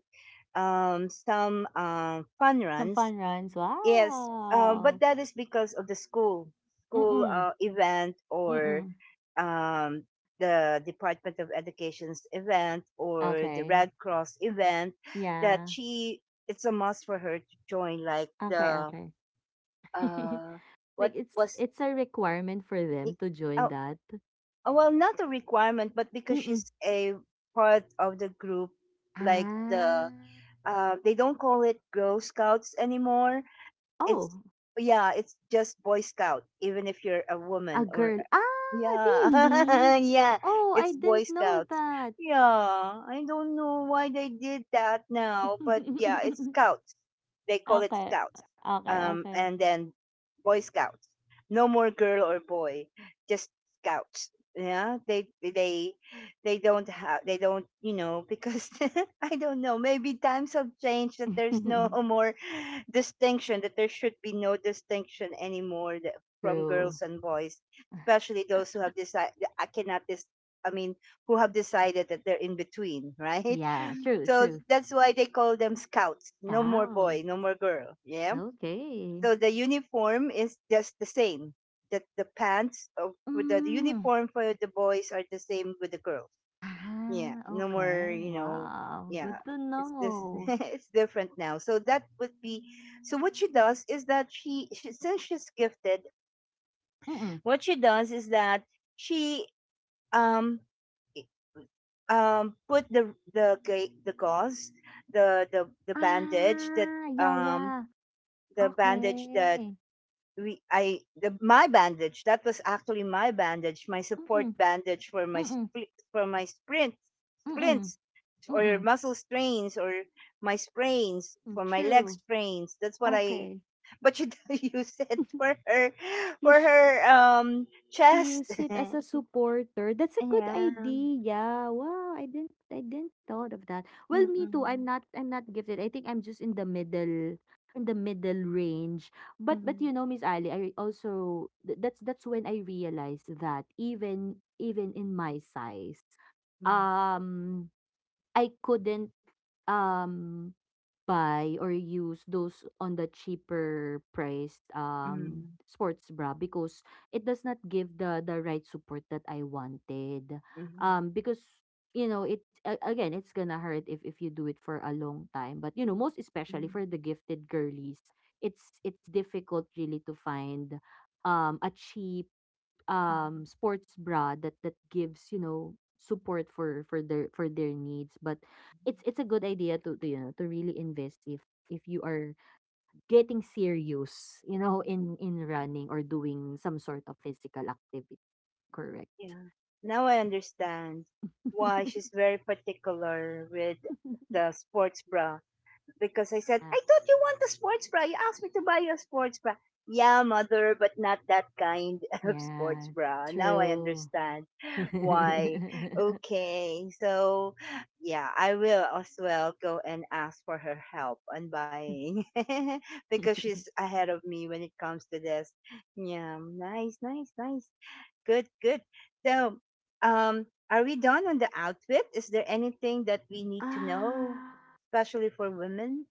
some fun
Some
runs.
fun runs.
Yes,
Wow.
but that is because of the school,
Mm-mm.
event, or
Mm-mm.
um, the Department of Education's event or the
Okay.
Red Cross event that
Yeah.
she, it's a must for her to join, like
Okay,
the
okay.
uh,
Like
what
it's
was
it's a requirement for
it,
them to join
oh,
that.
oh, well not a requirement, but because
Mm-mm.
she's a part of the group, like
Ah.
the uh, they don't call it Girl Scouts anymore, it's,
Oh,
yeah, it's just Boy Scout, even if you're a
a
woman or,
girl. Ah, really?
yeah. Yeah.
Oh, I
It's Boy
didn't know
Scouts.
that.
Yeah, I don't know why they did that now, but yeah, it's Scouts. They call it
Okay,
Scouts.
okay, okay.
And then Boy Scouts. No more girl or boy, just Scouts. Yeah, they they don't have they don't you know, because I don't know, maybe times have changed that there's no more distinction, that there should be no distinction anymore, that from
True.
girls and boys, especially those who have decided, I cannot this, I mean, who have decided that they're in between, right?
Yeah, true,
So
true.
that's why they call them scouts. No more boy,
Cow.
no more girl. Yeah.
Okay.
So the uniform is just the same. That the pants of for the
Mm.
uniform for the boys are the same with the girls. Yeah.
Ah,
No more,
okay.
you know,
Wow,
yeah.
good to
It's this
know.
it's different now. So that would be, so what she does is that she since she's gifted,
Mm-mm.
what she does is that she, um i- put the ga- the gauze, the bandage that,
Ah, yeah,
um
yeah.
the bandage that
Okay.
we I the my bandage that was actually my bandage, my support
Mm-mm,
bandage for my
mm-mm,
spli- for my sprints,
mm-mm,
splints or
mm-mm.
muscle strains or my sprains for
Mm,
my leg
true.
sprains, that's what I,
Okay.
but she use it for her,
You.
for her chest.
Use it as a supporter. That's a good
Yeah.
idea. Wow, I didn't, I didn't thought of that. Well, me too.
Mm-mm.
I'm not, I'm not gifted. I think I'm just in the middle, in the middle range. But,
Mhm.
you know, Miss Ali, I also th- that's when I realized that even, even in my size,
Mm.
um I couldn't um buy or use those on the cheaper priced
Mm.
sports bra because it does not give the right support that I wanted.
Mhm.
Um, because, you know, it again it's gonna hurt if you do it for a long time. But, you know, most especially
Mm.
for the gifted girlies, it's difficult really to find a cheap
Mhm.
sports bra that that gives, you know, support for their, for their needs. But
Mhm.
it's a good idea to, you know, to really invest if you are getting serious, you know, in running or doing some sort of physical activity. Correct.
Yeah. Now I understand why she's very particular with the sports bra. Because I said,
Yeah.
I thought you want a sports bra. You asked me to buy you a sports bra. Yeah, mother, but not that kind of sports
Yeah,
bra. Now I
true.
understand. Why? Okay. So, yeah, I will as well go and ask for her help on buying because she's ahead of me when it comes to this. Yeah, nice, nice, nice. Good, good. So, are we done on the outfit? Is there anything that we need to know,
Ah.
especially for women?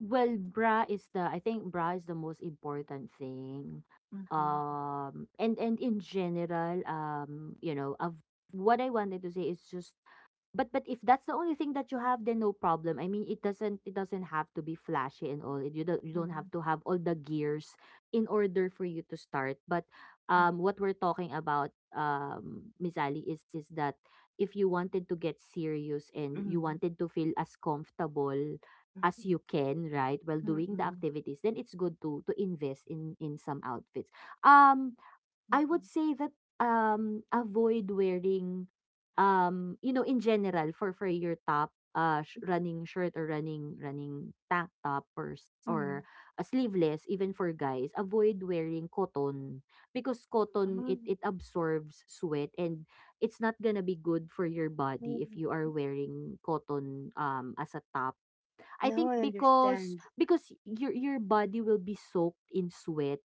Well, bra is the, I think bra is the most important thing.
Mm-hmm,
And in general, you know, of what I wanted to say is just, but if that's the only thing that you have, then no problem. I mean, it doesn't, it doesn't have to be flashy and all. You don't, you don't have to
mm-hmm,
have all the gears in order for you to start. But what we're talking about, Miss Ali, is that if you wanted to get serious and
mm-hmm,
you
mm-hmm,
wanted to feel as comfortable as you can, right, while doing the
mm-hmm,
activities, then it's good to invest in some outfits. Um,
mm-hmm,
I would
mm-hmm.
say that avoid wearing you know, in general for your top, running shirt or running, running tank top or or
Mm,
a sleeveless, even for guys, avoid wearing cotton, because cotton, it
mm.
it absorbs sweat, and it's not gonna be good for your body if you are wearing cotton as a top, I
No,
think,
I
because
understand.
because your body will be soaked in sweat,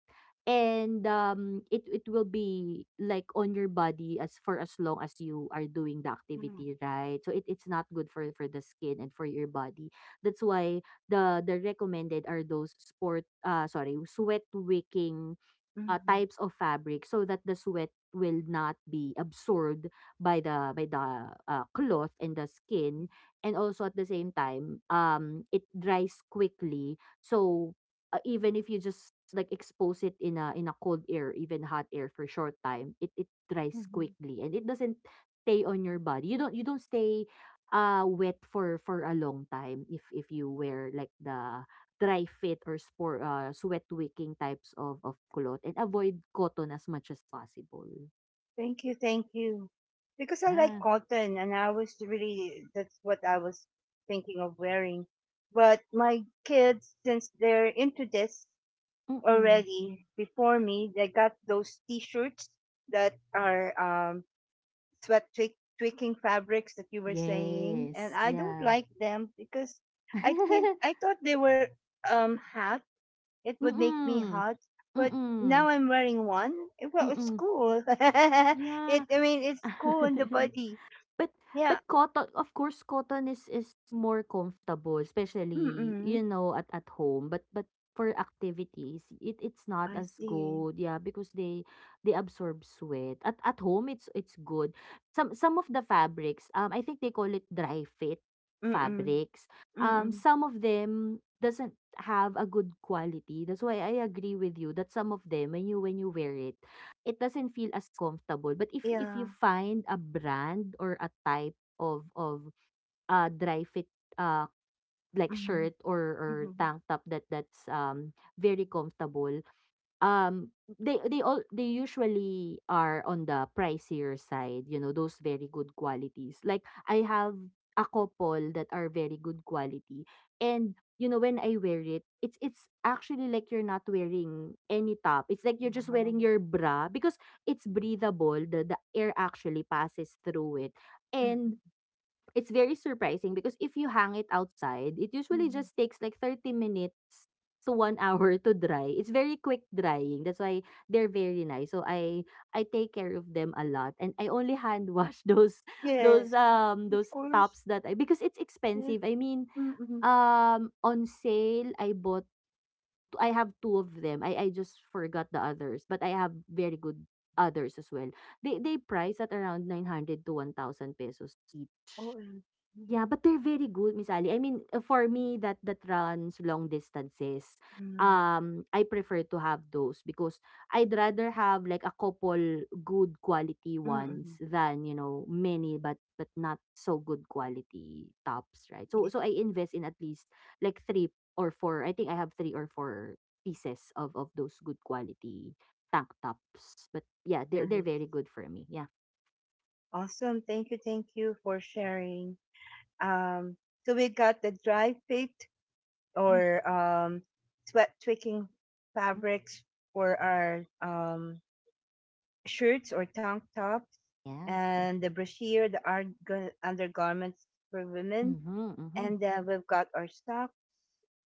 and it it will be like on your body as for as long as you are doing the
Yeah.
activity, right? So it, it's not good for the skin and for your body. That's why the recommended are those sport sorry sweat wicking
Mhm.
types of fabric, so that the sweat will not be absorbed by the by the cloth and the skin, and also at the same time it dries quickly. So even if you just like expose it in a, in a cold air, even hot air for short time, it dries
Mhm.
quickly, and it doesn't stay on your body. You don't, you don't stay wet for a long time if you wear like the dry fit or spor sweat wicking types of cloth, and avoid cotton as much as possible.
Thank you. Thank you. Because I like
Ah,
cotton and I was really, that's what I was thinking of wearing. But my kids, since they're into this
mm.
already before me, they got those t-shirts that are sweat twi- tweaking fabrics that you were saying. And
Yes,
I don't
yeah.
like them because I think, I thought they were hats. It would make me
Mm,
hot, but
mm,
now I'm wearing one. Eh, well, it's
mm,
cool. It,
yeah.
I mean, it's cool on the body.
But
Yeah.
but cotton, of course, cotton is more comfortable, especially,
Mm-mm.
you know, at home. But for activities, it it's not
I
as
see.
good, yeah, because they absorb sweat. At home it's good. Some of the fabrics, I think they call it dry fit
Mm-mm.
fabrics. Um,
Mm-mm.
some of them doesn't have a good quality. That's why I agree with you that some of them, when you, when you wear it, it doesn't feel as comfortable. But if you
Yeah.
find a brand or a type of, dry fit, uh, like
Mm-hmm.
shirt or
Mm-hmm.
tank top that that's, very comfortable, um they all, they usually are on the pricier side. You know, those very good qualities, like I have a couple that are very good quality, and, you know, when I wear it, it's actually like you're not wearing any top. It's like you're just
Wow.
wearing your bra, because it's breathable. The air actually passes through it. And
Mm-hmm.
it's very surprising, because if you hang it outside, it usually
Mm-hmm.
just takes like 30 minutes to 1 hour to dry. It's very quick drying. That's why they're very nice. So I take care of them a lot, and I only hand wash those,
Yes,
those
of course.
tops that I, because it's
Yeah.
expensive. I mean,
Mm-mm.
on sale I bought. I have two of them. I just forgot the others, but I have very good others as well. They price at around 900 to 1,000 pesos.
OMG. Mm
Yeah, but they're very good, Miss Ali. I mean, for me that runs long distances,
Hmm.
I prefer to have those because I'd rather have like a couple good quality
mm
ones
Hmm.
than, many but not so good quality tops, right? So
Yes,
so I invest in at least like three or four. I think I have three or four pieces of those good quality tank tops. But yeah, they're
nice.
very good for me. Yeah.
Awesome. Thank you. Thank you for sharing. Um, so we got the dry fit
Mm,
or sweat tweaking
mm.
fabrics for our shirts or tank tops,
Yes.
and the brassiere, the arg- undergarments for women,
Mm-hmm, mm-hmm.
and then we've got our socks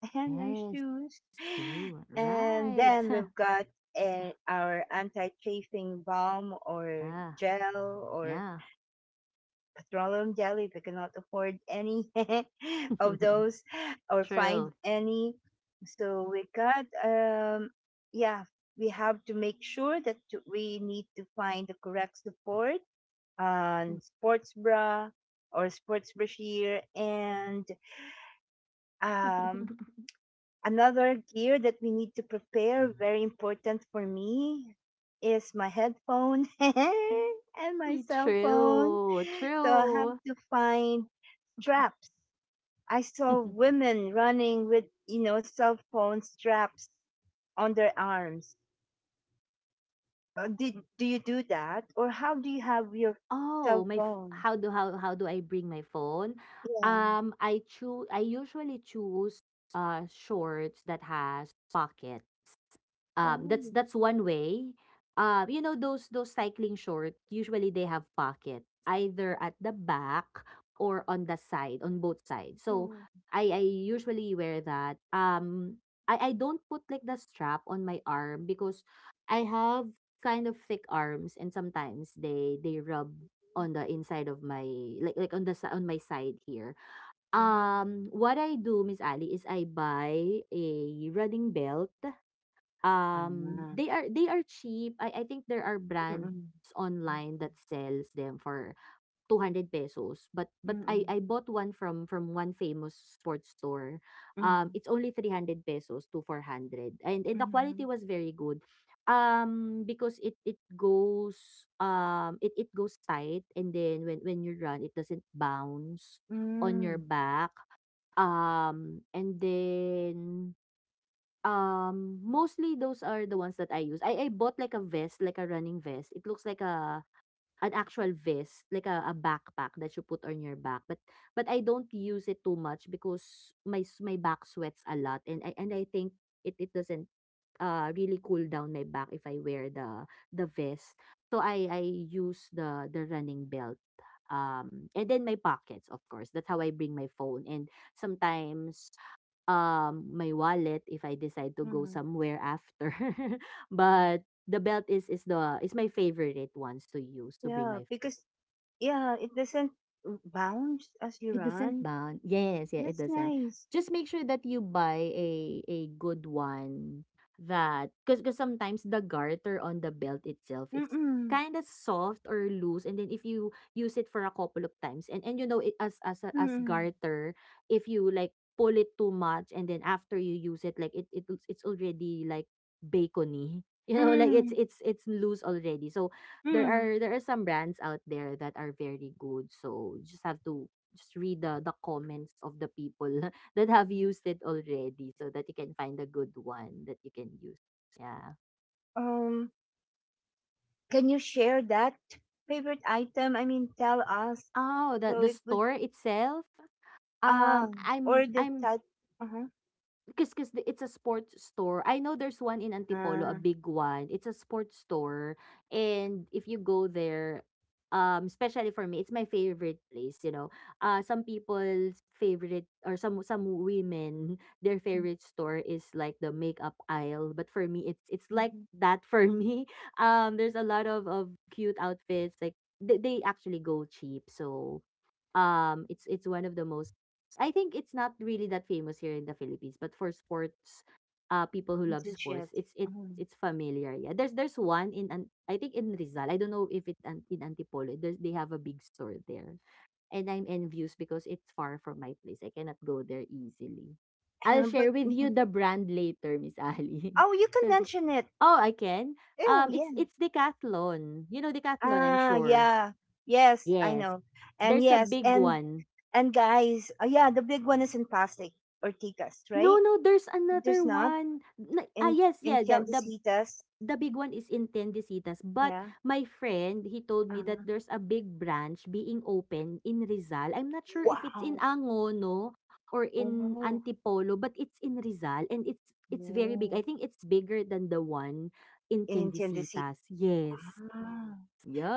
and our
Yes.
shoes,
True,
and
right.
then we've got our anti-chafing balm or
Ah,
gel or
yeah.
stroller and jelly. We cannot afford any of those or find
True.
any. So we got, yeah, we have to make sure that to- we need to find the correct support on sports bra or sports brashear, and um, another gear that we need to prepare, very important for me, is my headphone and my
Me
cell phone.
true.
So I have
True.
to find straps. I saw women running with, you know, cell phone straps on their arms. Did do you do that, or how do you have your
Oh,
cell phone?
how do how do I bring my phone?
Yeah.
I usually choose shorts that has pocket.
Oh,
That's one way. You know those cycling shorts, usually they have pocket either at the back or on the side, on both sides. So
mhm.
I usually wear that. I don't put like the strap on my arm because I have kind of thick arms and sometimes they rub on the inside of my like on the on my side here.
Ah,
What I do, Miss Ali, is I buy a running belt.
ah,
They are cheap. I think there are brands
mm-mm,
online that sells them for 200 pesos. But I
mm-mm,
I bought one from one famous sports store.
mm,
It's only 300 pesos to 400. And the quality
mhm,
was very good. Because it goes it goes tight, and then when you run it doesn't bounce on your
mm,
back. And then mostly those are the ones that I use. I bought like a vest, like a running vest. It looks like a an actual vest, like a backpack that you put on your back. But I don't use it too much because my back sweats a lot, and I think it doesn't really cool down my back if I wear the vest. So I use the running belt. And then my pockets, of course. That's how I bring my phone. And sometimes my wallet if I decide to go
mm.
somewhere after. But the belt is the is my favorite ones to use to bring
Yeah,
my phone.
because yeah, it doesn't bounce as you
It doesn't
run.
bound. Yes, yeah, it
That's
doesn't.
nice.
Just make sure that you buy a good one. That Because sometimes the garter on the belt itself, it's
Mm-mm,
kind of soft or loose. And then if you use it for a couple of times and, you know, it as a- as
mm-mm.
garter, if you like pull it too much, and then after you use it, like it, it's already like bacony you know, like it's
Mm,
it's it's loose already. So there
mm.
are there are some brands out there that are very good, so you just have to just read the comments of the people that have used it already so that you can find a good one that you can use. Yeah.
Um, can you share that favorite item? I mean, tell us.
Oh, the
So
the
it would,
store itself.
ah, or the
I'm
type. Uh-huh.
Cause, cause it's a sports store. I know there's one in Antipolo, a
Uh,
big one. It's a sports store, and if you go there, especially for me, it's my favorite place, you know. Some people's favorite or some women, their favorite store is like the makeup aisle, but for me, it's like
mm-hmm.
that for me. There's a lot of cute outfits, like they actually go cheap, so it's one of the most. I think it's not really that famous here in the Philippines, but for sports, people who love
Into
sports,
chips.
it's it
Uh-huh.
it's familiar. Yeah, there's one in an I think in Rizal. I don't know if it in Antipolo. There's they have a big store there, and I'm envious because it's far from my place. I cannot go there easily. I'll
But
share with
mhm.
you the brand later, Miss Ali.
Oh, you can
So-
mention it.
oh, I can.
Oh
Um, it's
yeah.
it's Decathlon. You know Decathlon, I'm
Ah
sure.
yeah. Yes, I
Yes.
know. And
There's a
yes,
big
and
one.
and guys, yeah, the big one is in Pasig or Tikas,
No,
right?
no, there's
There's
another
not
one. Na ah,
in
yes,
in
yeah,
Tiendecitas.
the big one is in Tendesitas, but
Yeah.
my friend, he told me
Uh,
that there's a big branch being open in Rizal. I'm not sure if it's in
wow.
Angono or in
Oh,
Antipolo, but it's in Rizal, and it's very big.
Oh.
I think it's bigger than the one in
In Tennessee.
Tendesitas. Yes.
Ah.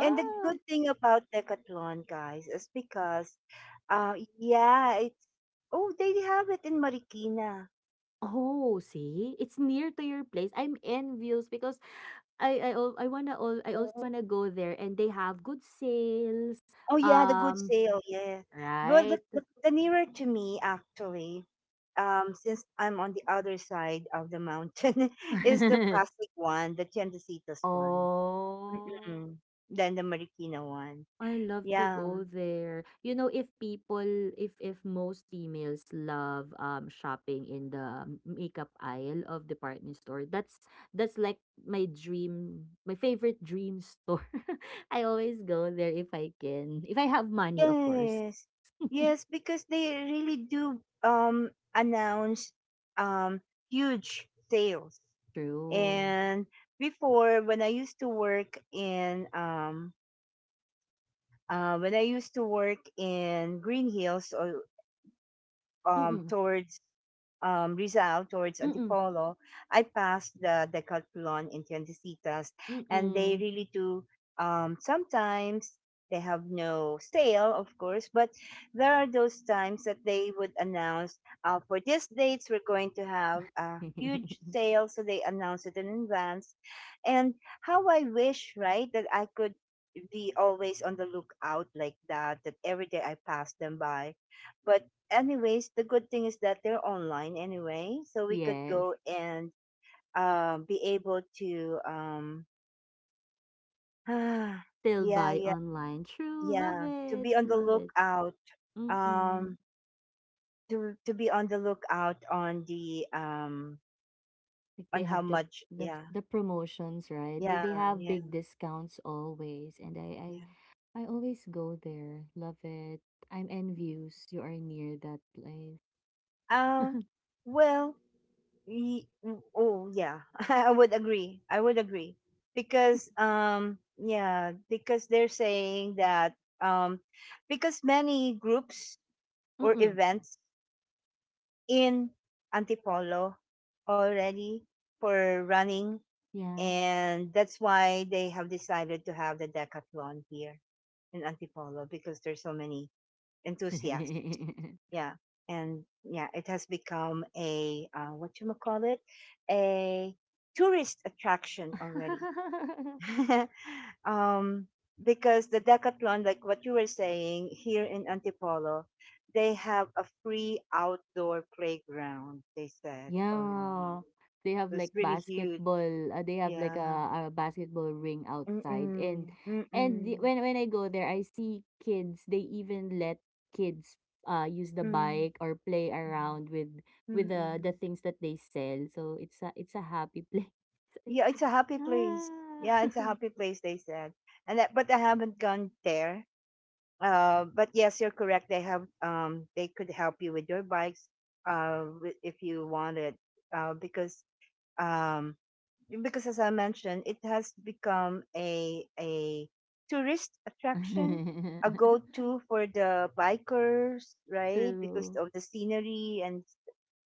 And the good thing about Decathlon, guys, is because, yeah, it's oh they have it in Marikina.
Oh, see? It's near to your place. I'm envious because I al I wanna all I also
Oh.
wanna go there, and they have good sales,
Oh yeah, the good
um,
sale, yeah. Well, the,
right?
the, the nearer to me actually, since I'm on the other side of the mountain, is the Pasig one, the Tiendecitas one,
Oh.
mm than the Marikina one.
I love to
Yeah.
go there. If most females love shopping in the makeup aisle of department store, that's like my dream, my favorite dream store. I always go there if I can, if I have money, of course.
Yes. Yes, because they really do announce um huge sales.
True.
And before when I used to work in when I used to work in Green Hills or
Mm-mm.
towards Rizal towards
Mm-mm.
Antipolo, I passed the Decathlon in Tiendecitas, and they
Mm-mm.
really do. Sometimes they have no sale, of course, but there are those times that they would announce for these dates we're going to have a huge sale, so they announce it in advance. And how I wish, right, that I could be always on the lookout like that, that every day I pass them by. But anyways, the good thing is that they're online anyway, so we could
Yes.
go and be able to
Still
yeah,
buy
yeah,
online. True. Love
yeah, to
it.
be on the
Love it.
lookout
Mm-mm.
um to be on the lookout on the
Like they
on how
have the
much
the
yeah,
the promotions, right? They
yeah,
they have
yeah.
big discounts always, and I I
yeah.
I always go there. Love it. I'm envious. You are near that place.
Um, well, oh yeah I would agree because yeah because they're saying that um because many groups or
Mm-mm.
events in Antipolo already for running,
Yeah.
and that's why they have decided to have the Decathlon here in Antipolo because there's so many enthusiasts. Yeah, and yeah, it has become a what you call it, a tourist attraction already. um, because the Decathlon, like what you were saying here in Antipolo, they have a free outdoor playground. They said already,
Yeah. They have
so it's
like
really huge.
basketball, they have like
Yeah.
a basketball ring outside.
Mm-mm. Mm-mm.
When I go there I see kids, they even let kids use the
Mm-mm.
bike or play around with the
Mm-mm.
things that they sell. So it's a happy place.
Yeah, it's a happy place.
Ah.
Yeah, it's a happy place. They said, and that, but I haven't gone there. But yes, you're correct. They have they could help you with your bikes, if you want it, uh, because um, because as I mentioned, it has become a tourist attraction, a go to for the bikers, right? Because
True.
of the scenery and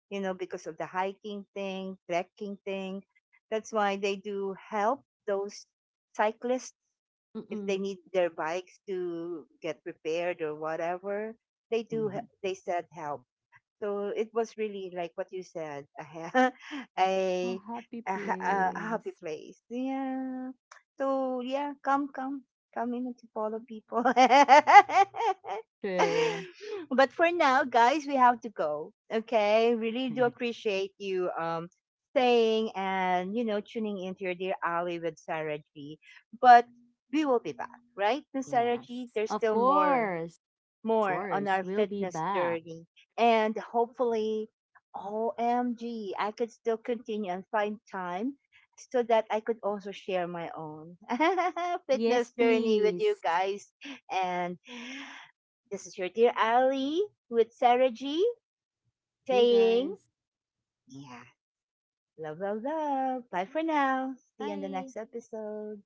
you know, because of the hiking thing, trekking thing. That's why they do help those cyclists if they
Mm-mm.
need their bikes to get repaired or whatever. They do, they said help. So it was really like what you said,
A
a,
happy
a happy
place.
place. Yeah. So yeah, come in to follow people.
True.
But for now, guys, we have to go. Okay, really do appreciate you staying and you know tuning into your dear Ali with Sarah G. But we will be back, right, Miss Sarah G?
Yes.
There's
Of
still
course.
more on
Course,
our
we'll be
fitness
back.
journey. And hopefully, OMG, I could still continue and find time so that I could also share my own
Yes,
fitness journey with you
please.
guys. And this is your dear Ali with Sarah G
You
saying,
guys,
yeah, love, love, love. Bye for now. See you in the next
bye.
episode.